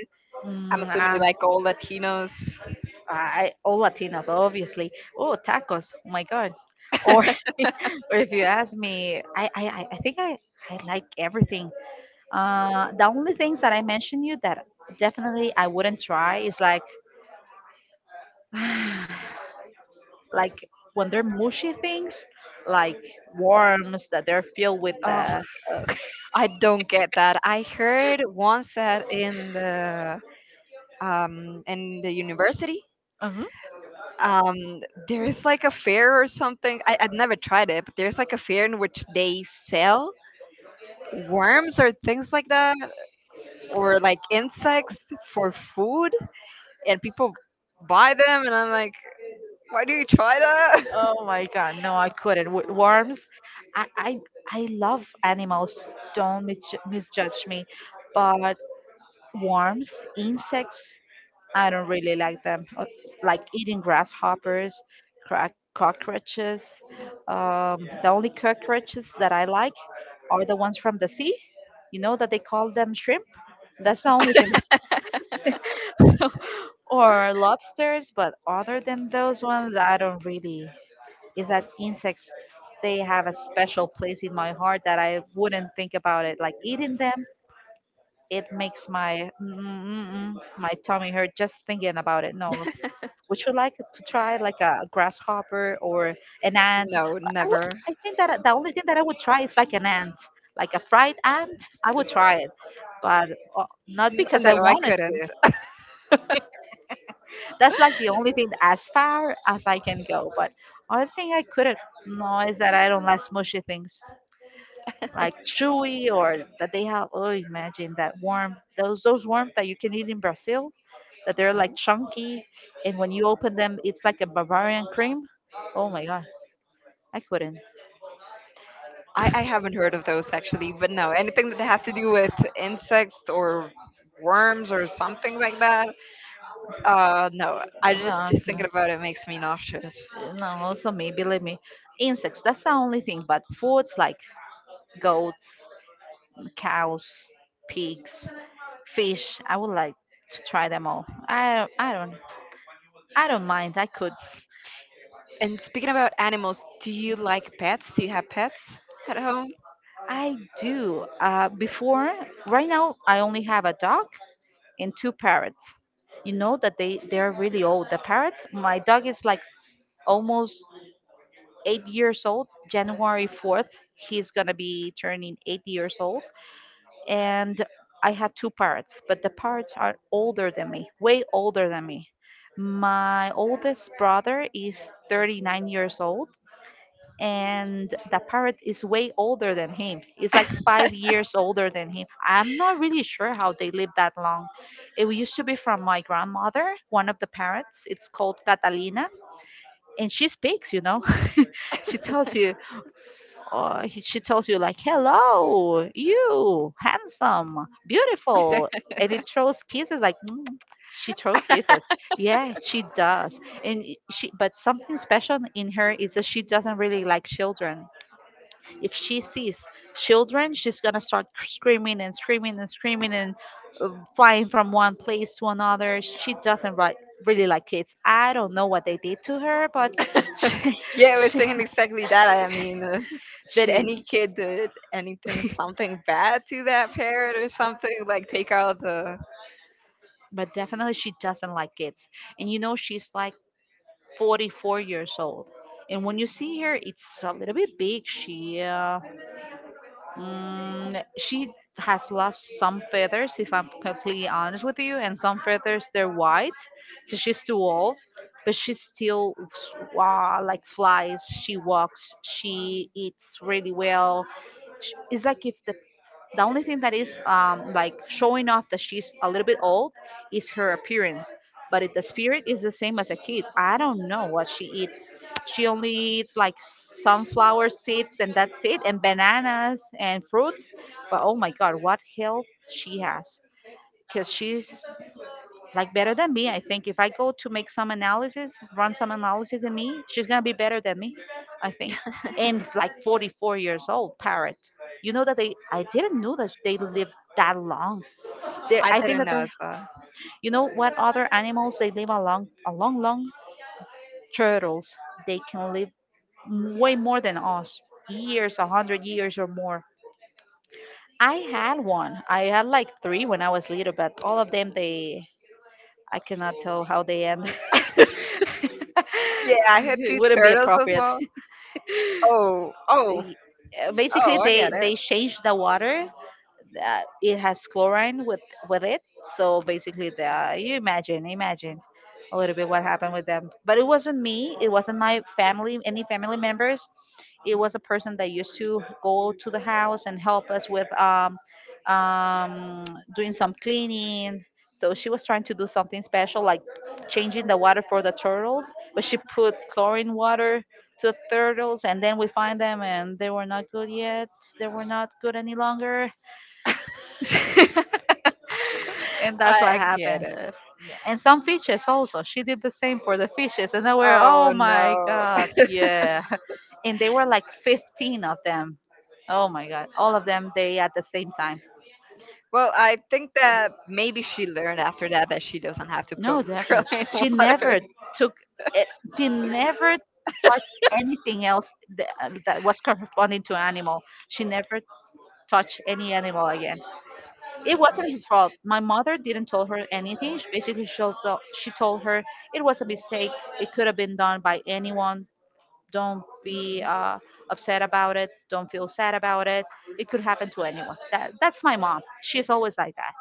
Speaker 1: I'm
Speaker 2: Mm,
Speaker 1: assuming
Speaker 2: uh,
Speaker 1: you like all Latinos.
Speaker 2: I, all Latinos, obviously. Oh, tacos. Oh my god. Or,
Speaker 1: <laughs>
Speaker 2: <laughs> or if you ask me, I, I, I I think I, I like everything. Uh, the only things that I mentioned you that definitely I wouldn't try is like <sighs> like when they're mushy things, like worms that they're filled with
Speaker 1: Oh,
Speaker 2: the. Uh,
Speaker 1: I don't get that. I heard once that in the, um, in the university,
Speaker 2: <laughs> mhm.
Speaker 1: um, there is like a fair or something. I, I'd never tried it, but there's like a fair in which they sell worms or things like that, or like insects for food, and people buy them. And I'm like, why do you try that?
Speaker 2: Oh my god, no, I couldn't. With worms, I, I I love animals. Don't misju- misjudge me, but worms, insects, I don't really like them. Uh, Like eating grasshoppers, crack, cockroaches. Um, the only cockroaches that I like are the ones from the sea. You know that they call them shrimp. That's the only thing, or lobsters, but other than those ones, I don't really. Is that insects? They have a special place in my heart that I wouldn't think about it. Like eating them, it makes my mm, mm, mm, my tummy hurt just thinking about it. No, would you like to try like a grasshopper or an
Speaker 1: <laughs>
Speaker 2: ant? I
Speaker 1: No,
Speaker 2: would-
Speaker 1: never.
Speaker 2: I think that the only thing that I would try is like an ant, like a fried ant. I would try it, but uh, not
Speaker 1: N-
Speaker 2: because I
Speaker 1: No, I
Speaker 2: wanted to.
Speaker 1: couldn't.
Speaker 2: That's like the only thing as far as I can go. But other thing I couldn't know is that I don't like smushy things like
Speaker 1: <laughs>
Speaker 2: chewy, or that they have. Oh, imagine that worm. Those those worms that you can eat in Brazil, that they're like chunky, and when you open them, it's like a Bavarian cream. Oh my god. I couldn't.
Speaker 1: I, I haven't heard of those actually, but no, anything that has to do with insects or worms or something like that. Uh, no, I
Speaker 2: No,
Speaker 1: just
Speaker 2: I
Speaker 1: just thinking
Speaker 2: couldn't.
Speaker 1: about it makes me nauseous.
Speaker 2: No, also me, believe me. Insects, that's the only thing. But foods like goats, cows, pigs, fish, I would like to try them all. I don't, I don't, I don't mind. I could.
Speaker 1: And speaking about animals, do you like pets? Do you have pets at home?
Speaker 2: I do. Uh, before, right now, I only have a dog and two parrots. You know that they they're really old. The parrots. My dog is like s- almost eight years old. January fourth, he's gonna be turning eight years old. And I had two parrots, but the parrots are older than me, way older than me. My oldest brother is thirty-nine years old, and the parrot is way older than him. It's like five years older than him. I'm not really sure how they live that long. It used to be from my grandmother, one of the parrots. It's called Catalina, and she speaks, you know. <laughs> She tells you, or he, she tells you like, hello you handsome beautiful, and it throws kisses like mm, she throws kisses. Yeah, she does. And i- she, but something special in her is that she doesn't really like children. If she sees children, she's gonna start screaming and screaming and screaming, and uh, flying from one place to another. She doesn't ri- really like kids. I don't know what they did to her, but <laughs>
Speaker 1: <laughs>
Speaker 2: she
Speaker 1: Yeah, I was
Speaker 2: she
Speaker 1: thinking exactly that. I mean, uh, did
Speaker 2: she
Speaker 1: any kid uh, did anything something bad to that parrot or something? Like take out the.
Speaker 2: but definitely she doesn't like kids. And you know, she's like forty-four years old. And when you see her, it's a little bit big. She uh, mm, she has lost some feathers, if I'm completely honest with you, and some feathers they're white, because she's too old. But she still s- wow, like flies. She walks. She eats really well. Sh- It's like if the the only thing that is um, like showing off that she's a little bit old is her appearance. But it, the spirit is the same as a kid. I don't know what she eats. She only eats like sunflower seeds and that's it, and bananas and fruits. But oh my God, what health she has! Because she's like better than me. I think if I go to make some analysis, run some analysis in me, she's gonna be better than me, I think. And like forty-four years old parrot. You know that they I didn't know that they live that long. They
Speaker 1: I
Speaker 2: I think
Speaker 1: didn't
Speaker 2: that
Speaker 1: know
Speaker 2: they're,
Speaker 1: as well.
Speaker 2: you know what other animals they live a long, a long long, turtles, they can live m- way more than us, years, a hundred years or more. I had one. I had like three when I was little, but all of them they I cannot tell how they end. <laughs>
Speaker 1: Yeah, I had
Speaker 2: <laughs>
Speaker 1: two
Speaker 2: wouldn't be
Speaker 1: turtles as
Speaker 2: appropriate.
Speaker 1: well. Oh, oh,
Speaker 2: Y- uh, Basically,
Speaker 1: oh, I get
Speaker 2: they
Speaker 1: it.
Speaker 2: they change the water, uh, it has chlorine with with it. So basically, the you imagine, imagine a little bit what happened with them. But it wasn't me. It wasn't my family, any family members. It was a person that used to go to the house and help us with um, um, doing some cleaning. So she was trying to do something special, like changing the water for the turtles. But she put chlorine water to the turtles, and then we find them, and they were not good yet. They were not good any longer. <laughs> And
Speaker 1: I,
Speaker 2: that's what
Speaker 1: I get
Speaker 2: happened.
Speaker 1: it.
Speaker 2: Yeah, and some fishes also. She did the same for the fishes, and they were,
Speaker 1: Oh
Speaker 2: oh my
Speaker 1: no.
Speaker 2: god,
Speaker 1: <laughs>
Speaker 2: yeah, <laughs> and they were like fifteen of them. Oh my god, all of them they at the same time.
Speaker 1: Well, I think that maybe she learned after that that she doesn't have to
Speaker 2: No,
Speaker 1: put <laughs>
Speaker 2: definitely.
Speaker 1: acrylic in
Speaker 2: She
Speaker 1: water.
Speaker 2: never took. It, she never touched anything else that, that was corresponding to animal. She never touched any animal again. It wasn't her fault. My mother didn't tell her anything. She basically, she told, she told her it was a mistake. It could have been done by anyone. Don't be uh, upset about it. Don't feel sad about it. It could happen to anyone. That that's my mom. She's always like that.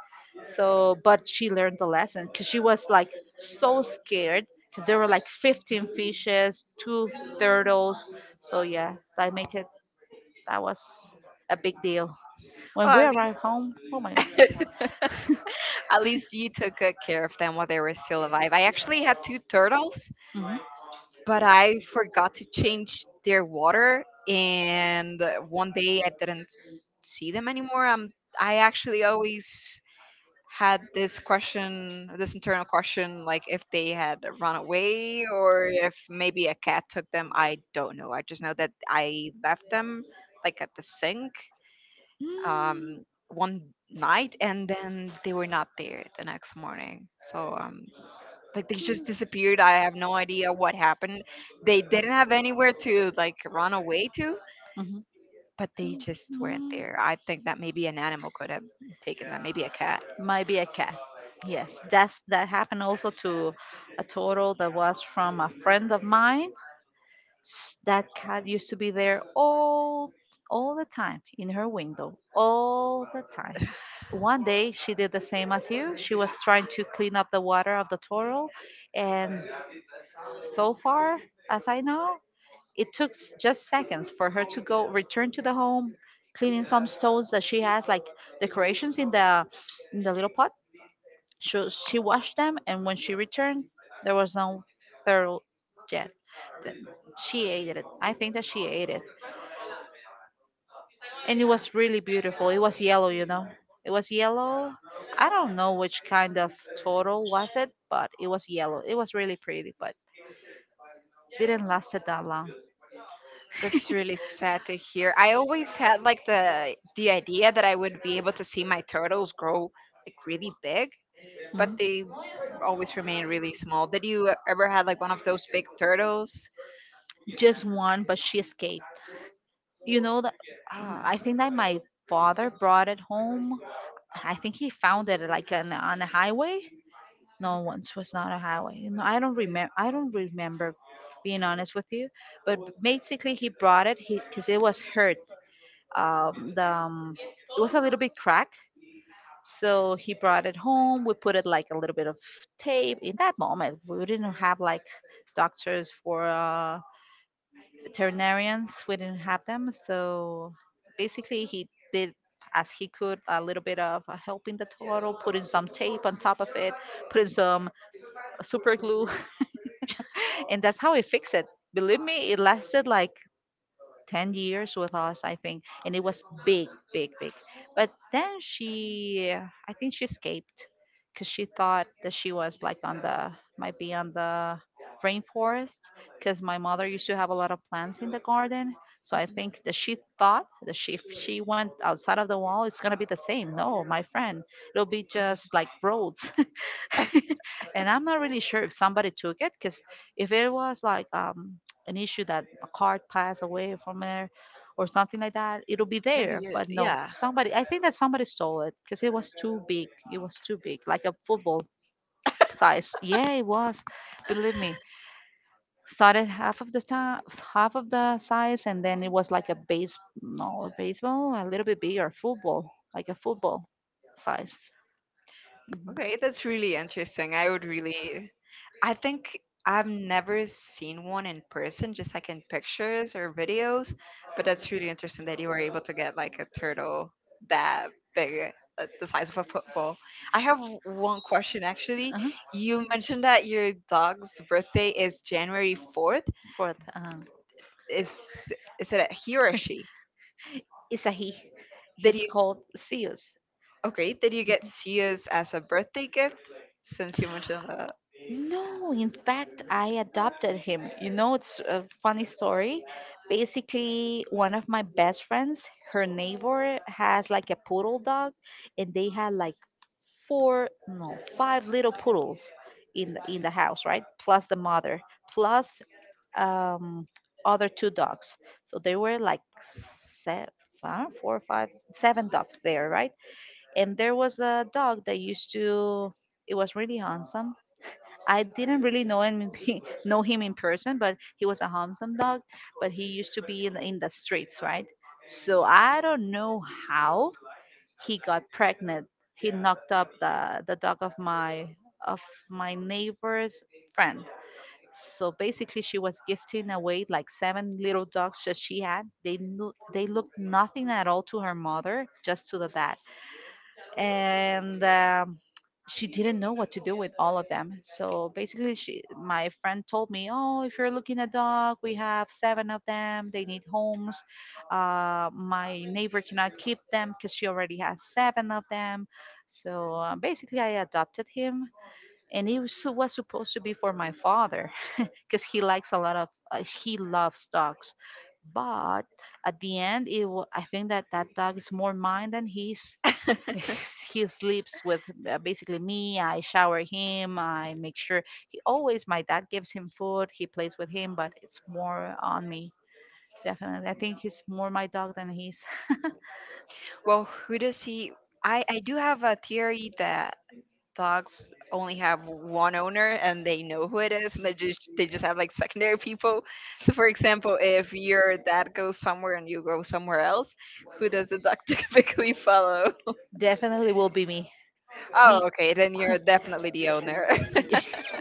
Speaker 2: So, but she learned the lesson because she was like so scared because there were like fifteen fishes, two turtles. So yeah, that make it that was a big deal. When
Speaker 1: Well,
Speaker 2: we
Speaker 1: at least
Speaker 2: arrived home, oh my, mm-hmm,
Speaker 1: <laughs> at least you took good care of them while they were still alive. I actually had two turtles, but I forgot to change their water, and uh, one day I didn't see them anymore. Um, I actually always had this question, this internal question, like if they had run away or if maybe a cat took them. I don't know. I just know that I left them, like, at the sink, um, one night, and then they were not there the next morning. So, um, like, they just disappeared. I have no idea what happened. They didn't have anywhere to like run away to,
Speaker 2: mm-hmm.
Speaker 1: but they just weren't there. I think that maybe an animal could have taken them, maybe a cat.
Speaker 2: Might be a cat. Yes, that's that happened also to a turtle that was from a friend of mine. S- That cat used to be there all all the time in her window, all the time. One day she did the same as you. She was trying to clean up the water of the turtle, and so far as I know, it took s- just seconds for her to go return to the home, cleaning some stones that she has, like decorations in the in the little pot she, she washed them, and when she returned, there was no turtle yet. Then she ate it. I think that she ate it. And it was really beautiful. It was yellow, you know. It was yellow. I don't know which kind of turtle was it, but it was yellow. It was really pretty, but didn't last it that long.
Speaker 1: That's really sad to hear. I always had like the the idea that I would be able to see my turtles grow like really big, but
Speaker 2: Mhm.
Speaker 1: they always remain really small. Did you ever had like one of those big turtles?
Speaker 2: Just one, but she escaped. You know that
Speaker 1: Ah,
Speaker 2: I think that my father brought it home. I think he found it like on on a highway. No, once was not a highway. No, I don't remember. I don't remember, being honest with you. But basically, he brought it because it was hurt. Um, the um, It was a little bit cracked. So he brought it home. We put it like a little bit of tape. In that moment, we didn't have like doctors for uh, veterinarians, we didn't have them, so basically he did as he could, a little bit of uh, helping the turtle, putting some tape on top of it, putting some super glue, <laughs> and that's how he fixed it. Believe me, it lasted like ten years with us, I think, and it was big, big, big. But then she, I think she escaped because she thought that she was like on the, might be on the rainforest, because my mother used to have a lot of plants in the garden. So I think that she thought that she, if she went outside of the wall, it's going to be the same. No, my friend, it'll be just like roads. <laughs> And I'm not really sure if somebody took it because if it was like um, an issue that a card passed away from there or something like that, it'll be
Speaker 1: maybe
Speaker 2: there.
Speaker 1: you,
Speaker 2: But no,
Speaker 1: yeah.
Speaker 2: somebody, I think that somebody stole it because it was too big. It was too big, like a football size. Yeah, it was. Believe me, started half of the time, half of the size, and then it was like a base, no, a baseball, a little bit bigger, football, like a football size. Mhm.
Speaker 1: Okay, that's really interesting. I would really, I think, I've never seen one in person, just like in pictures or videos, but that's really interesting that you were able to get like a turtle that big, uh, the size of a football. I have w- one question actually.
Speaker 2: Uh-huh.
Speaker 1: You mentioned that your dog's birthday is January fourth.
Speaker 2: Fourth, um,
Speaker 1: Is is it a he or a she?
Speaker 2: Isahi.
Speaker 1: Did
Speaker 2: He's
Speaker 1: you,
Speaker 2: called Zeus.
Speaker 1: okay, did you get Sia's as a birthday gift, since you mentioned that?
Speaker 2: No, in fact, I adopted him. You know, it's a funny story. Basically, one of my best friends, her neighbor has like a poodle dog, and they had like four, no, five little poodles in the, in the house, right? Plus the mother, plus um, other two dogs. So there were like seven, four, five, seven dogs there, right? And there was a dog that used to, it was really handsome. I didn't really know him in pe- <laughs> know him in person, but he was a handsome dog. But he used to be in, in the streets, right? So I don't know how he got pregnant. He knocked up the the dog of my, of my neighbor's friend. So basically she was gifting away like seven little dogs that she had. They knew, they looked nothing at all to her mother, just to the dad. And um, she didn't know what to do with all of them. So basically, she, my friend told me, "Oh, if you're looking a dog, we have seven of them. They need homes. Uh, my neighbor cannot keep them because she already has seven of them." So uh, basically, I adopted him, and he was, su- was supposed to be for my father, because he likes a lot of uh, he loves dogs. But at the end, it wa- I think that that dog is more mine than his. <laughs> He sleeps with uh, basically me. I shower him. I make sure he always, my dad gives him food. He plays with him, but it's more on me. Definitely, I think he's more my dog than he's. <laughs>
Speaker 1: Well, who does he? I I do have a theory that dogs only have one owner and they know who it is, and they just, they just have like secondary people. So, for example, if your dad goes somewhere and you go somewhere else, who does the dog <laughs> typically follow?
Speaker 2: Definitely will be me.
Speaker 1: Oh,
Speaker 2: He
Speaker 1: okay, then you're definitely
Speaker 2: <laughs>
Speaker 1: the
Speaker 2: s-
Speaker 1: owner.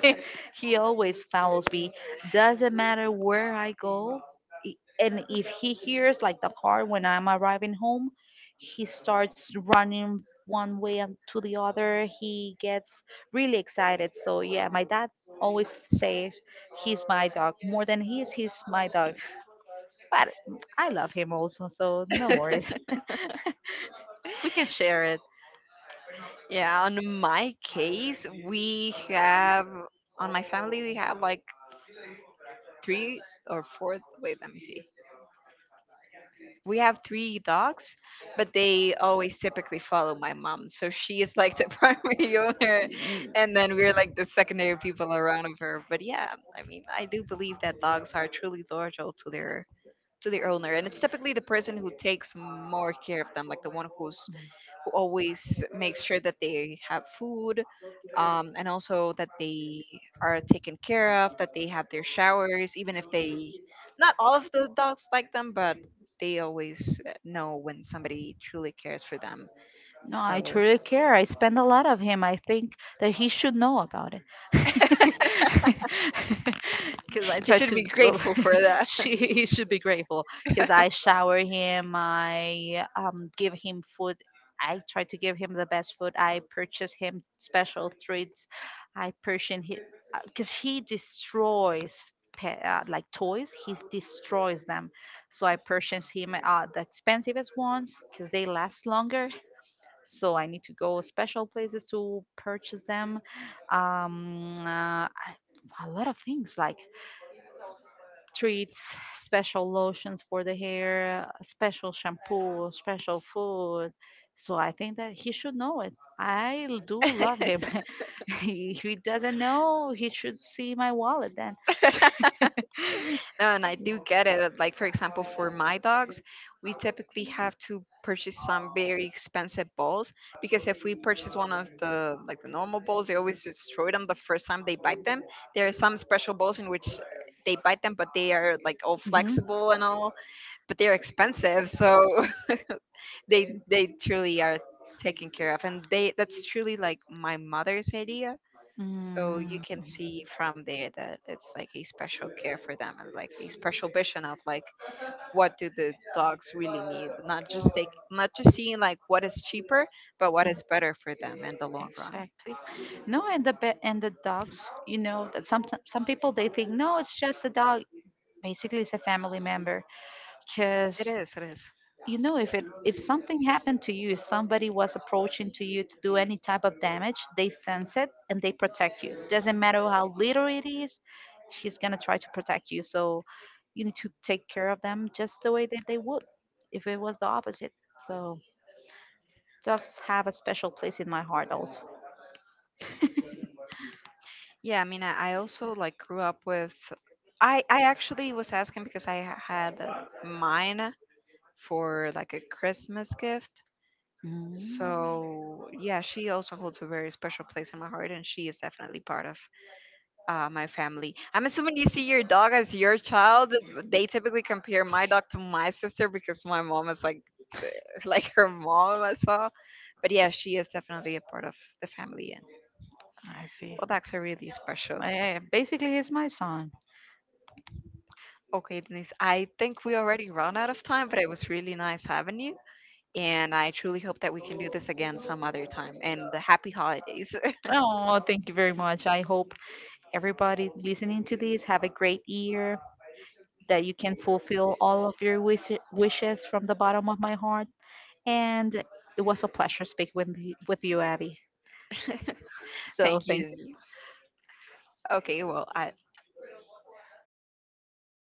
Speaker 2: <laughs> he always follows me. Doesn't matter where I go, i- and if he hears like the car when I'm arriving home, he starts running one way and to the other. He gets really excited. So yeah, my dad always says he's my dog more than he is. He's my dog, but I love him also. So no, <laughs> worries,
Speaker 1: <laughs>
Speaker 2: we can share it.
Speaker 1: Yeah, on my case, we have, on my family we have like three or four. Wait, let me see. We have three dogs, but they always typically follow my mom. So she is like the <laughs> primary owner, and then we're like the secondary people around of her. But yeah, I mean, I do believe that dogs are truly loyal to their, to their owner, and it's typically the person who takes more care of them, like the one who's, who always makes sure that they have food, um, and also that they are taken care of, that they have their showers, even if they, not all of the dogs like them, but they always uh, know when somebody truly cares for them.
Speaker 2: No, I
Speaker 1: So
Speaker 2: truly care. I spend a lot of him. I think that he should know about
Speaker 1: <laughs>
Speaker 2: it. <laughs> Because I
Speaker 1: you
Speaker 2: try
Speaker 1: should
Speaker 2: to,
Speaker 1: be
Speaker 2: oh,
Speaker 1: grateful for
Speaker 2: <laughs> she, he should be grateful. Because I
Speaker 1: that.
Speaker 2: shower him, I um, give him food. I try to give him the best food. I purchase him special treats. I purchase him, because he destroys pe- uh, like toys, he destroys them. So I purchase him uh, the expensive ones because they last longer, so I need to go special places to purchase them. Um, uh, I- a lot of things like treats, special lotions for the hair, special shampoo, special food. So I think that he should know it. I l- do love him. <laughs> If he doesn't know, he should see my wallet then.
Speaker 1: <laughs>
Speaker 2: <gasps>
Speaker 1: No, and I do get it. Like, for example, for my dogs, we typically have to purchase some very expensive balls, because if we purchase one of the like the normal balls, they always destroy them the first time they bite them. There are some special balls in which they bite them, but they are like all
Speaker 2: <laughs>
Speaker 1: flexible and all, but they're expensive, so <laughs> they they truly are taken care of, and they, that's truly like my mother's idea. So you
Speaker 2: Mhm.
Speaker 1: can see
Speaker 2: Mm.
Speaker 1: from there that it's like a special care for them and like a special vision of like what do the dogs really need, not just take, not just seeing like what is cheaper, but what is better for them in the long run.
Speaker 2: Exactly. No, and the be- and the dogs, you know, that some some some people they think no, it's just a dog. Basically, it's a family member, because
Speaker 1: It is, it is.
Speaker 2: you know, if it, if something happened to you, if somebody was approaching to you to do any type of damage, they sense it and they protect you. Doesn't matter how little it is, she's gonna try to protect you. So you need to take care of them just the way that they would if it was the opposite. So dogs have a special place in my heart also.
Speaker 1: Yeah, I mean, i, I also like grew up with, i I actually was asking because i ha- had, uh, mine for like a Christmas gift.
Speaker 2: Mm,
Speaker 1: So yeah, she also holds a very special place in my heart, and she is definitely part of, uh, my family. I'm assuming you see your dog as your child. They typically compare my dog to my sister because my mom is like <laughs> like her mom as well. But yeah, she is definitely a part of the family, and
Speaker 2: I see.
Speaker 1: well, that's a really special.
Speaker 2: Eh, basically, he's my son.
Speaker 1: Okay, Denise, I think we already run out of time, but it was really nice having you, and I truly hope that we can do this again some other time. And happy holidays.
Speaker 2: Oh, thank you very much. I hope everybody listening to this have a great year, that you can fulfill all of your wish- wishes from the bottom of my heart. And it was a pleasure speaking with, you- with you, Abby.
Speaker 1: <laughs>
Speaker 2: So
Speaker 1: Thank you,
Speaker 2: thank
Speaker 1: Denise. Okay, well, I,